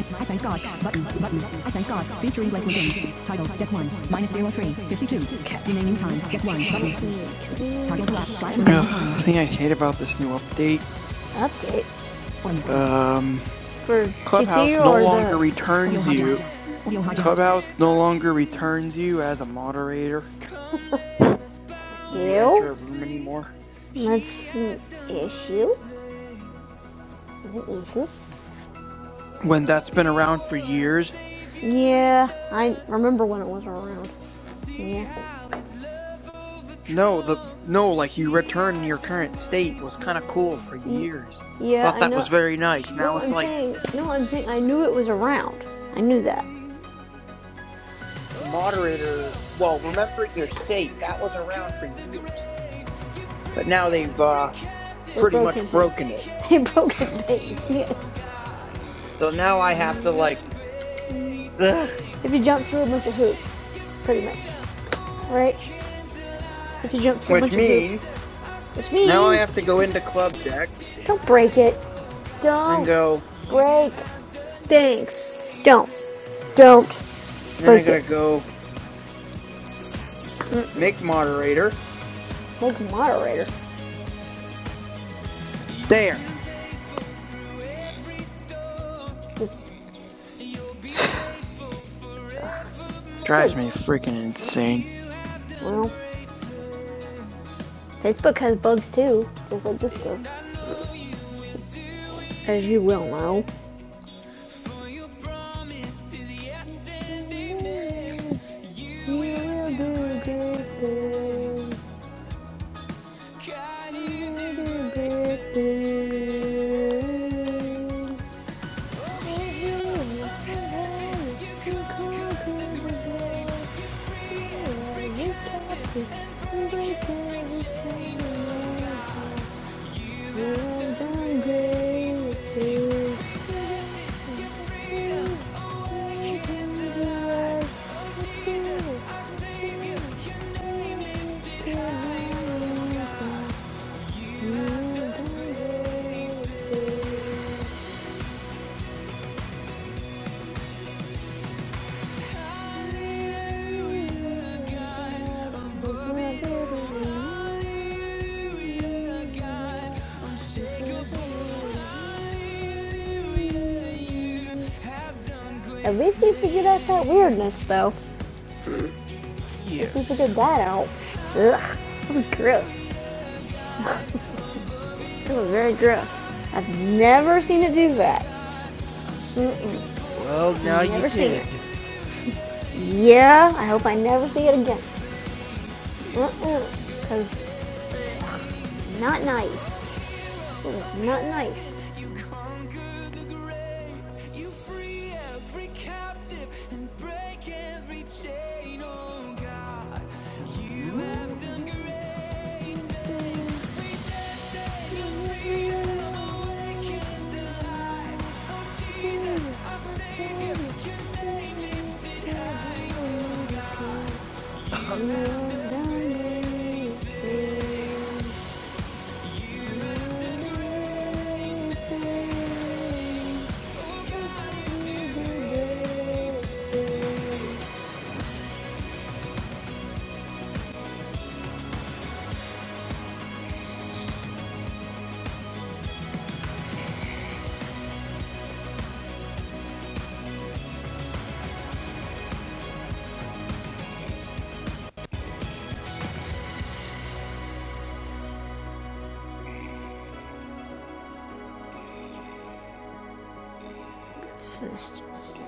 I thank God. Button. Button. I thank God. Featuring Blake Wiggins. Title. Deck one. Minus zero three. Fifty-two. Okay. Remaining time. Deck one. Button. Toggle elapsed. Slash Ugh, remaining time. the thing I hate about this new update, Update Or um, for Clubhouse GT no or longer the Audio returns you. hijack. Audio hijack. Clubhouse no longer returns you as a moderator when you enter ew. a room anymore. That's an issue. An issue? When that's been around for years. Yeah, I remember when it was around. Yeah. No, the no, like you return your current state was kind of cool for years. yeah, Thought I that was know. very nice. No, Now it's I'm like saying. No, I'm saying. I knew it was around. I knew that. the moderator. Well, remembering your state that was around for years, but now they've uh, They've pretty broken much things. broken it. They've broken things. Yes. So now I have to like. If you jump through a bunch of hoops, pretty much, right? If you jump through a Which bunch of hoops, means which now I means have to go into club deck don't break it. and Don't go. break things. Don't. Don't And then I break it. gotta go make moderator. Like moderator. There Just drives good. me freaking insane. Well, This book has bugs too, just like this does. As you well know. And At least we figured out that weirdness, though. At least We figured that out. Ugh, that was gross. It was very gross. I've never seen it do that. Mm-mm. Well, now I've never you seen did. it. Yeah, I hope I never see it again. Mm-mm. Cause not nice. It was not nice. You conquer the grave, you free every captive and break every chain, oh God. You have done great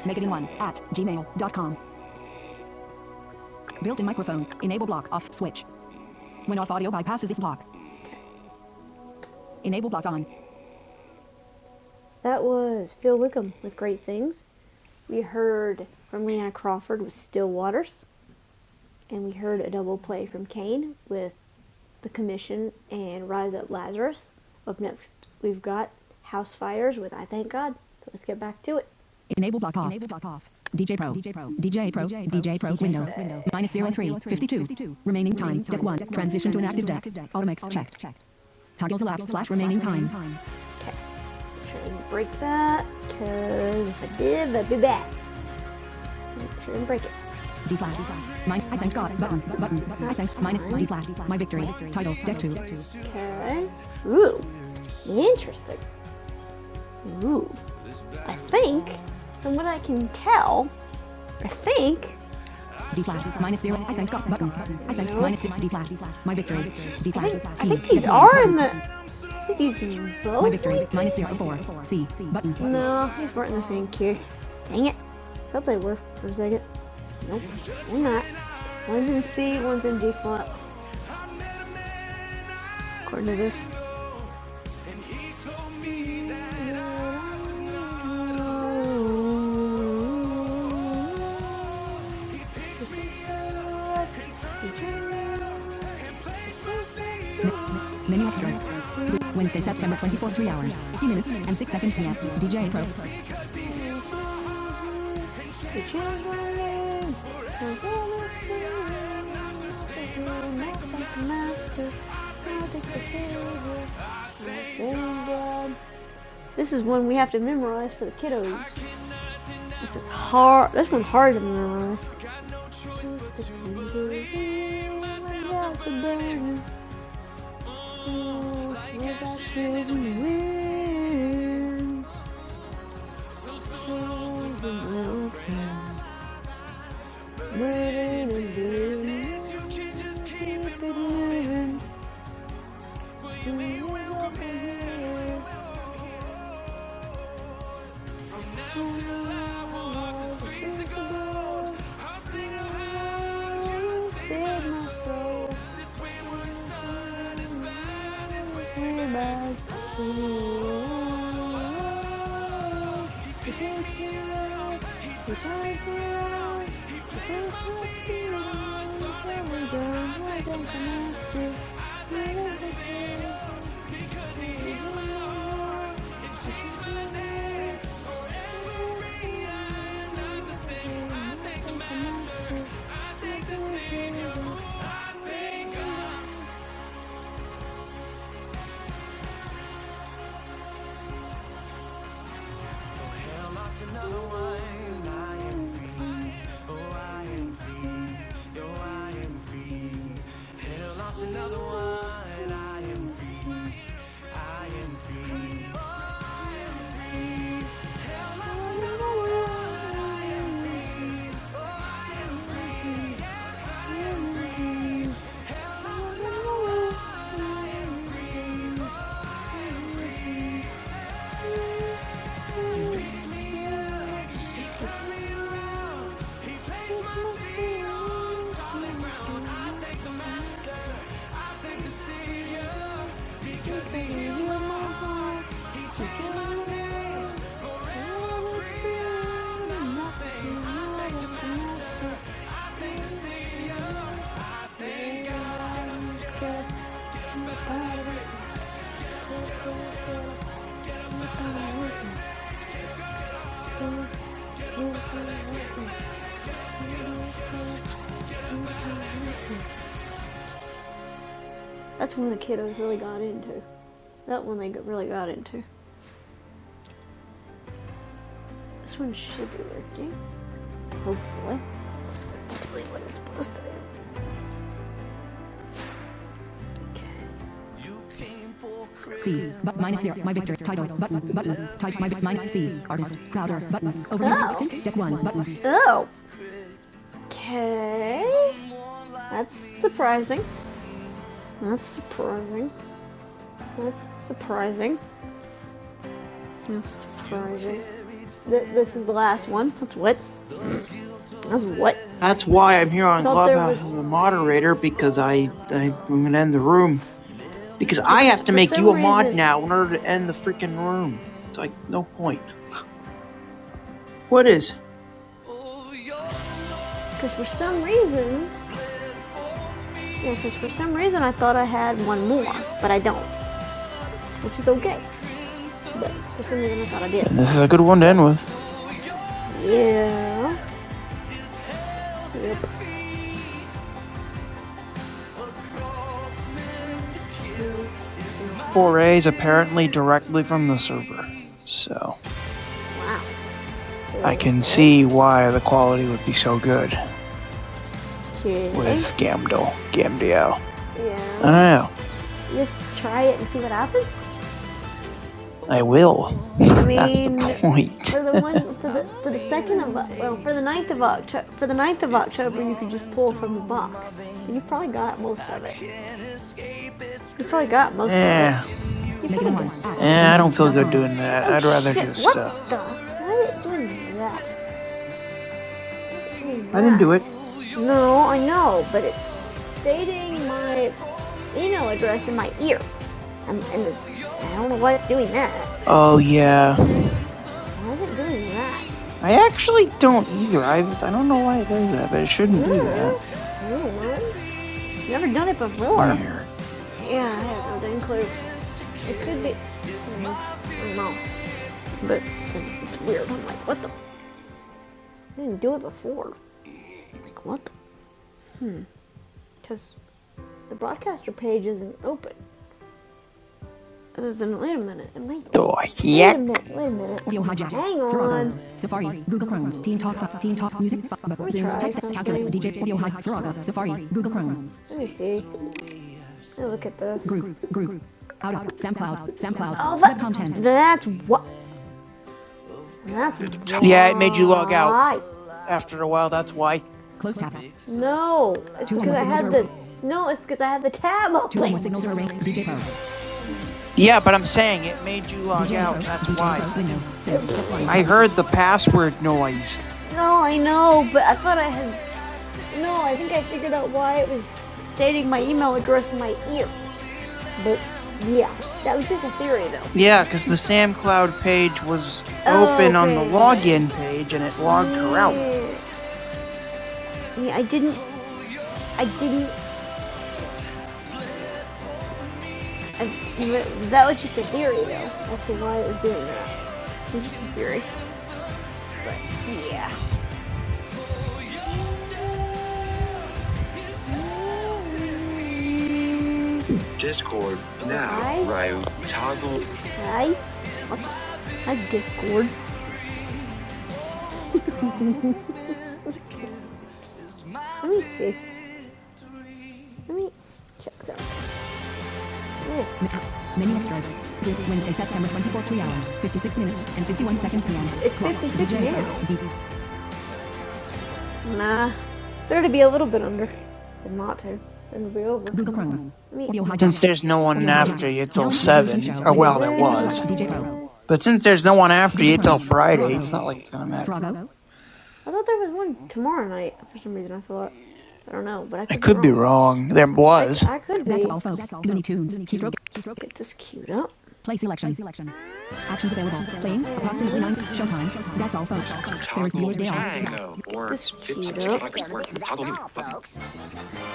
Megaden1 at gmail.com. Built in microphone. Enable block off switch. When off audio bypasses this block. Enable block on. That was Phil Wickham with Great Things. We heard from Leon Crawford with Still Waters, and we heard a double play from Kane with The Commission, and Rise Up Lazarus. Up next, we've got House Fires with I Thank God. So let's get back to it. Enable block off. Enable block off. DJ Pro. DJ Pro. DJ Pro. DJ Pro. Window. Window. Minus zero 03. 52. Remaining time. Deck 1. Transition to an active deck. Automax checked. Toggles elapsed slash remaining time. Okay, make sure I didn't break that, because if I did, i would be back and break it. D flat. My I thank God. Button. Button. I thank minus D flat. My victory. Title. Deck two. Okay. Ooh, interesting. Ooh, I think, from what I can tell, I think D flat. Minus zero. I thank God. Button. I thank minus six. D flat. My victory. D flat. think, E. think these are in the. I think these both. My victory. right? Minus zero four. C. Button. No, these weren't in the same queue. Dang it. I Thought they were for a second. Nope, they're not. One's in C, one's in D flat, according to this. Menu extras. Wednesday, September 24, 3 hours, 50 minutes, and 6 seconds PM. DJ Pro. Master, This is one we have to memorize for the kiddos. This is hard. This one's hard to memorize. I'm still alive. We'll walk the streets of gold. I'll sing about you, save my soul. This wayward son is finding his way back home. He picked me up. He turned me around. He turned my fear around. So I don't run down the streets. I'm living in yours. He healed my heart and changed my name. Solid ground, I thank the master. That's when the kiddos really got into. That one they really got into. This one should be working, hopefully. Okay. C. But minus zero. My victory. Title. Button. Button. Type. My. vic- C. Artist. Crowder. Button. Overview. Oh. Sync. Deck one. Button. Oh, okay. That's surprising. That's surprising. That's surprising. That's surprising. Th- this is the last one. That's what? That's what? That's why I'm here I on thought there was Clubhouse as a moderator because I, I I'm gonna end the room because I because have to for make you some a mod reason, now in order to end the freaking room. It's like no point. What is? because for some reason, yeah, because for some reason I thought I had one more, but I don't, which is okay. But for some reason I thought I did. And this is a good one to end So with. Yeah. Yep. Mm-hmm. Four A's apparently directly from the server, so Wow. I can Okay. see why the quality would be so good. Okay. with Gamdol, Gamdiel. I don't Yeah. know. Just try it and see what happens. I will. I That's the mean, point. for the one for the for the second of well for the ninth of October for the ninth of October you could just pull from the box. You probably got most of it. You probably got most of it. Yeah. You probably Megan at Eh, I don't feel good doing gmail.com. that. Oh I'd rather shit! just. What Uh, the? Why are you doing that? I didn't do that. it. No, I know, but it's stating my email address in my ear. I'm, and the, I don't know why it's doing that. Oh yeah. Why is it doing that? I actually don't either. I I don't know why it does that, but it shouldn't do that. Hmm, I don't know. I've Never done it before. Weird. Yeah, I have no dang clue. It could be. I don't know. But it's, it's weird. I'm like, what the? I didn't do it before. Like, what the? Because the broadcaster page isn't open. Wait a minute, it might be. Oh Wait a heck. minute, wait a minute. Audio hijack. Hang on. Safari. Google Chrome. Teen Talk. Fi- Teen Talk. Music. Zoom. Text. Calculator. DJ. Audio hijack. Throga. Safari. Google Chrome. Let me see. Let me look at this. Group. Group. Out. out. SoundCloud. SoundCloud. Oh, Web content. that's what. That's Yeah, it made you log out why. after a while. That's why. Close tab. No, it's because I more had the. No, it's because I had the tab open. Two more signals are arranged. DJ Pro. Yeah, but I'm saying it made you log DJ Pro. out. That's DJ Pro. why. Window. Save. I heard the password noise. No, I know, but I thought I had. No, I think I figured out why it was stating my email address in my ear. But yeah, that was just a theory though. Yeah, because the Sam Cloud page was open on the Open. login page and it logged her out. Yeah, yeah I didn't. I didn't. I, that was just a theory though, as to why it was doing that. It's just a theory. Yeah. Discord So now. hi, Ryu toggle. hi, hi Discord. Let me see. Let me check something. Mi- Many extras. Wednesday, September twenty 3 hours, 56 minutes, and 51 seconds p.m. It's 56 minutes. Nah. It's better to be a little bit under than not to. Then we will be over. Google Chrome. Me. Audio Since hijack. there's no Yeah. one Audio hijack. Yeah. after you Now till in Revolution seven, Show or window. well, there Input device was, DJ Pro. but since there's no one after Google you till Chrome. Friday, Frogo. it's not like it's gonna matter. Frogo. I thought there was one tomorrow night for some reason. I thought. I don't know, but I I could be could be wrong. wrong. There I, c- was. I could be. That's all, folks. Looney Tunes. Keystroke. Keystroke. Get this queued up. Play selection. Play selection. Actions available. Playing. Approximately 9. Showtime. Showtime. That's all, folks. Ferris Toggle Bueller's Day Off. tango Get or this queued up. 65% work. with Toggle mute button.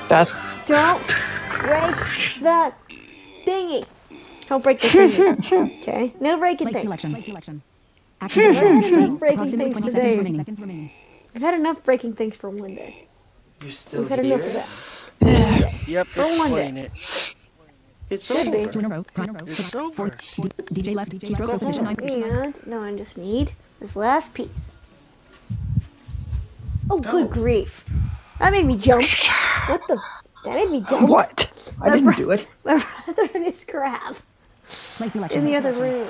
That's Don't break the thingy. Don't break the thingy. Okay. No breaking things. selection. Play selection. Actions available. We've already available. had enough Playing. breaking Approximately things seconds today. remaining. We've had enough breaking things for one day. You're still here? We've had here? enough of that for one day. Yep, for it's playing it. It's Should be. Two in a row. It's over. DJ left. Keystroke. Position nine. And now I just need this last piece. Oh, good Oh. grief! That made me jump. What the? That made me jump. what? I My didn't bro, do it. my brother and his crap. in the other room.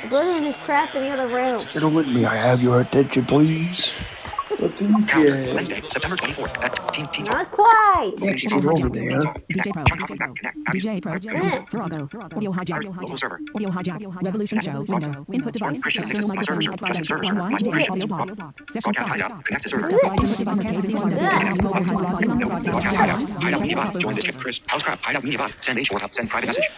My brother and his crap in the other room. Gentlemen, may I have your attention, please? The thing Calendar. is, Wednesday, September 24th at Team Team Talk. Not quite. let's Team get Audio Talk. over hijack. Audio there. hijack. Connect. DJ Pro. John DJ Coughlin back. Pro. Connect. Abby's. DJ Pro. I, DJ Camille. Eh. Audio hijack. Iris. Audio Local hijack. server. Revolution Connect. show. Broad. Window. Input Spark. device. Christian. Nixon. External My server microphone server. at Justin 5x. server server. My 1Y. Dim. Christian. Audio Broad, block. Session broadcast stopped. hideout. Connect to Chris server. Is Input device. KC1 does it? Disconnect. Mobile Button. has logged on the Nope. The broadcast. broadcast hideout. Timeline. Hideout Video media press bot. pop Join over. this chat. Chris. House crowd. Hideout media bot. Send H4 up. Send private message.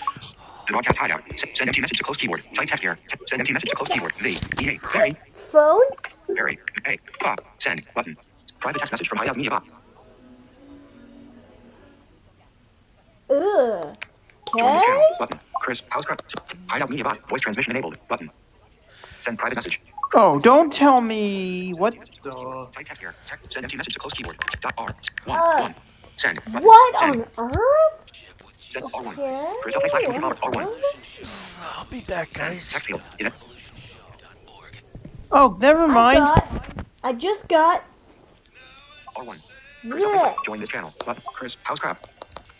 The broadcast hideout. S- send empty message to close keyboard. Type text here. S- send empty message to close keyboard. V. E. A. Hi, Very. phone. Very. A. Fuck. Send. Button. Private text message from Hideout Media Bot. Ugh. Join this Okay. channel. Button. Chris. House. Pro- Hideout Media Bot. Voice transmission enabled. Button. Send private message. Oh, don't tell me what. empty Type text here. Text. Send empty message to close keyboard. Dot R. One. Uh, One. Send. Button. what Send. on earth? Send R one. Okay. Chris L. slash Timothy What on Palmer. R one. earth? I'll be back, Send. guys. Text field. Is it? Oh, never I mind. got. I just got R one. Chris L. slash- Join this this. channel. Button. Chris. House crab?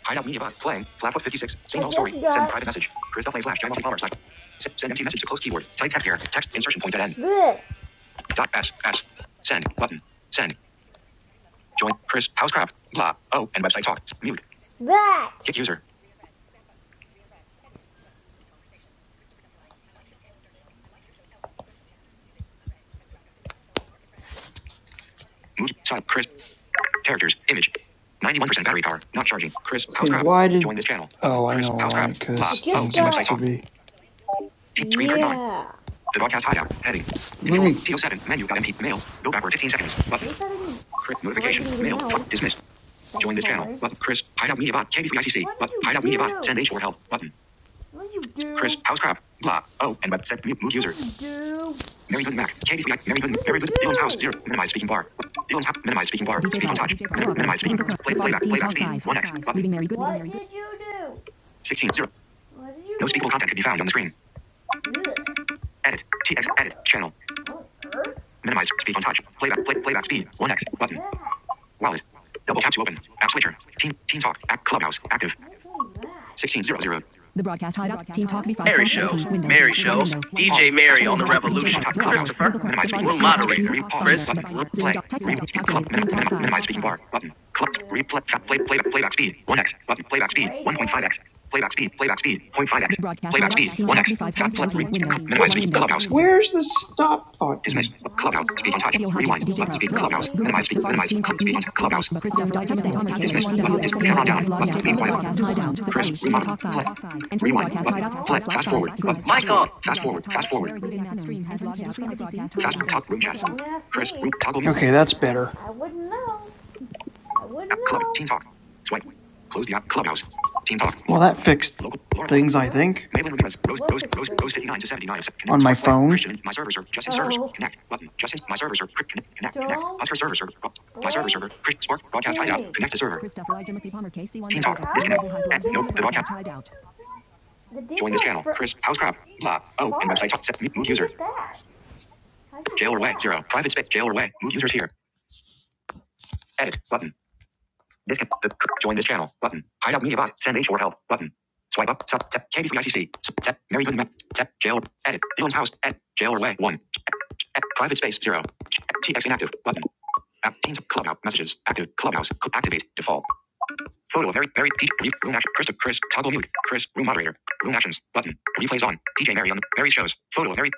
Hideout Media Bot. Playing. Flatfoot 56. Same I old story. just Send got private message. Chris L. slash John Mickey Palmer slash. Send empty message to close keyboard. Type text here. Text insertion point at end. this. Dot S S. Send button. Send. Join Chris House crap. Blah. Oh, and website talk. Mute. That. Hit user. Mute. Sub. Chris. Characters. Image. Ninety-one percent battery power. Not charging. Chris House Okay, why did? Join this channel. Oh, I Chris know House why. I Because Oh, just and website to got, talk. be. Keep screen curtain on. yeah. The broadcast hideout. Heading. Control. TO7. Menu. got MP. Mail. Go backward 15 seconds. At Button. least I didn't Chris. break Notification. anything Mail. Fuck. Dismiss. else, Join this channel. thankfully. Button. Chris. Hideout Media Bot. KB3 ICC. What But. did you Hideout Media Bot. do? Send H4 help. Button. What did you Chris. do? House crap. Blah. Oh, and website. Mute. Move What user. did you do? Mary Good Mac. Candy free. Mary What Good. did Mary you Good. Dylan's house. do? Zero. Minimize speaking bar. Dylan's house. Minimize speaking did bar. you DJ Speak on Pro, touch. DJ Pro, Minim- Virago, minimize speaking. Google Chrome, Play Safari, playback. Team Playback Talk speed. One X 5, button. Leaving Mary Good, Leaving What Mary did you do? 16. Zero. What did you No speakable content could do? be found on the screen. Ugh. Edit. TX. What the Edit. Channel. on earth? Minimize. Speak on touch. Why Playback. Play did you playback do speed. that? One X button. Wallet. Double tap to open. App switcher. Teen. Teen talk. App clubhouse. Active. Why did you do that? 1600. The broadcast hideout, Team Talk Mary shows. V5.17, window, Mary one shows. window, one DJ window. Fast Mary Audio on hijack, the DJ Revolution. Pro, Virago, Christopher. Google Chrome, Minimize speaking. Safari, Room Club Team Talk, moderator, Music, speak. Re pause. Chris. Finder, Button. Books, Room. Zoom, Play. Doc, Text Re speak. Club. Calculate, Minim, Team Talk minimize, 5. minimize speaking bar. Button. Club. Replay. Fa- play. Playback. Playback speed. One x. Button. Playback speed. break One point five it. x. Playback speed. Playback speed. zero point 0.5 The x. broadcast Playback hideout, speed. Team One Talk x. Fat play. Re. V5.17, window, minimize one speaking. window, one Clubhouse. window. Where's the stop button? Dismiss. clubhouse. Speak on touch. Audio hijack, Rewind. DJ But Pro, speak Frog clubhouse. Google Minimize Chrome, speak. Safari, Minimize. Team Talk, Club speak Music, on touch. Fight, clubhouse. but Christoph Digest, and Thomas Casey, Dismiss. But dis DWX, Audio chevron down. hijack, log Button. DJ from Leave the quiet. broadcast hideout, Chris, Safari, Team remote, Talk Play. 5, and turn the Rewind broadcast button. hideout at Play. 5 slash Fast 5, forward button. group, Fast Michael. forward. The Fast forward. broadcast Fast hideout, forward. Mary Good and Matt Stream has logged out from the broadcast Fast hideout. talk room chat. Microphone. Don't ask Chris, room me. toggle mute. Okay, that's I, better. I wouldn't know. I wouldn't App club. know. Team talk. Swipe. Close the app. Clubhouse. Team talk. Well, Well, that that fixed fixed Local. Laura. things, things, I Huh? I think, think, Maven Ramirez. Rose. What Rose. fixed Rose. Rose. things? 59 to 79. Connect. on my on Swipe my phone. phone. Christian. My server server. Justin servers. Oh, Connect. Button. Justin. My server server. Connect. Connect. Connect. don't Oscar server server. My server Break server. Chris. Spark. Broadcast hideout. Connect to stinks. server. Christopher I. Timothy Palmer Team talk. KC1WXP Disconnect. Mobile has Eh, logged in on nope. the The broadcast. broadcast hideout. The Join this details channel. for Chris. House crab. Blah. Oh. And website Spark. talk. Set. Mute. How'd Move you user. get that? How'd you Jail get or way. that? Zero. Private space. Jail or way. Move users here. Edit. Button. This can, the, join this channel. Button. Hideout media bot. Send H4 help. Button. Swipe up. Sub. Tap. Candy free ICC. Sub. Tap. Mary Good Map. Tap. Jail. Edit. Dylan's house. Edit. Jail or way. One. Edit. Private space. Zero. TX inactive. Button. App. Teams. Clubhouse. Messages. Active. Clubhouse. Cl- activate. Default. Photo of Mary. Mary. P. room action. Chris. Chris. Toggle mute. Chris. Room moderator. Room actions. Button. Replays on. DJ Mary on. Mary shows. Photo of Mary.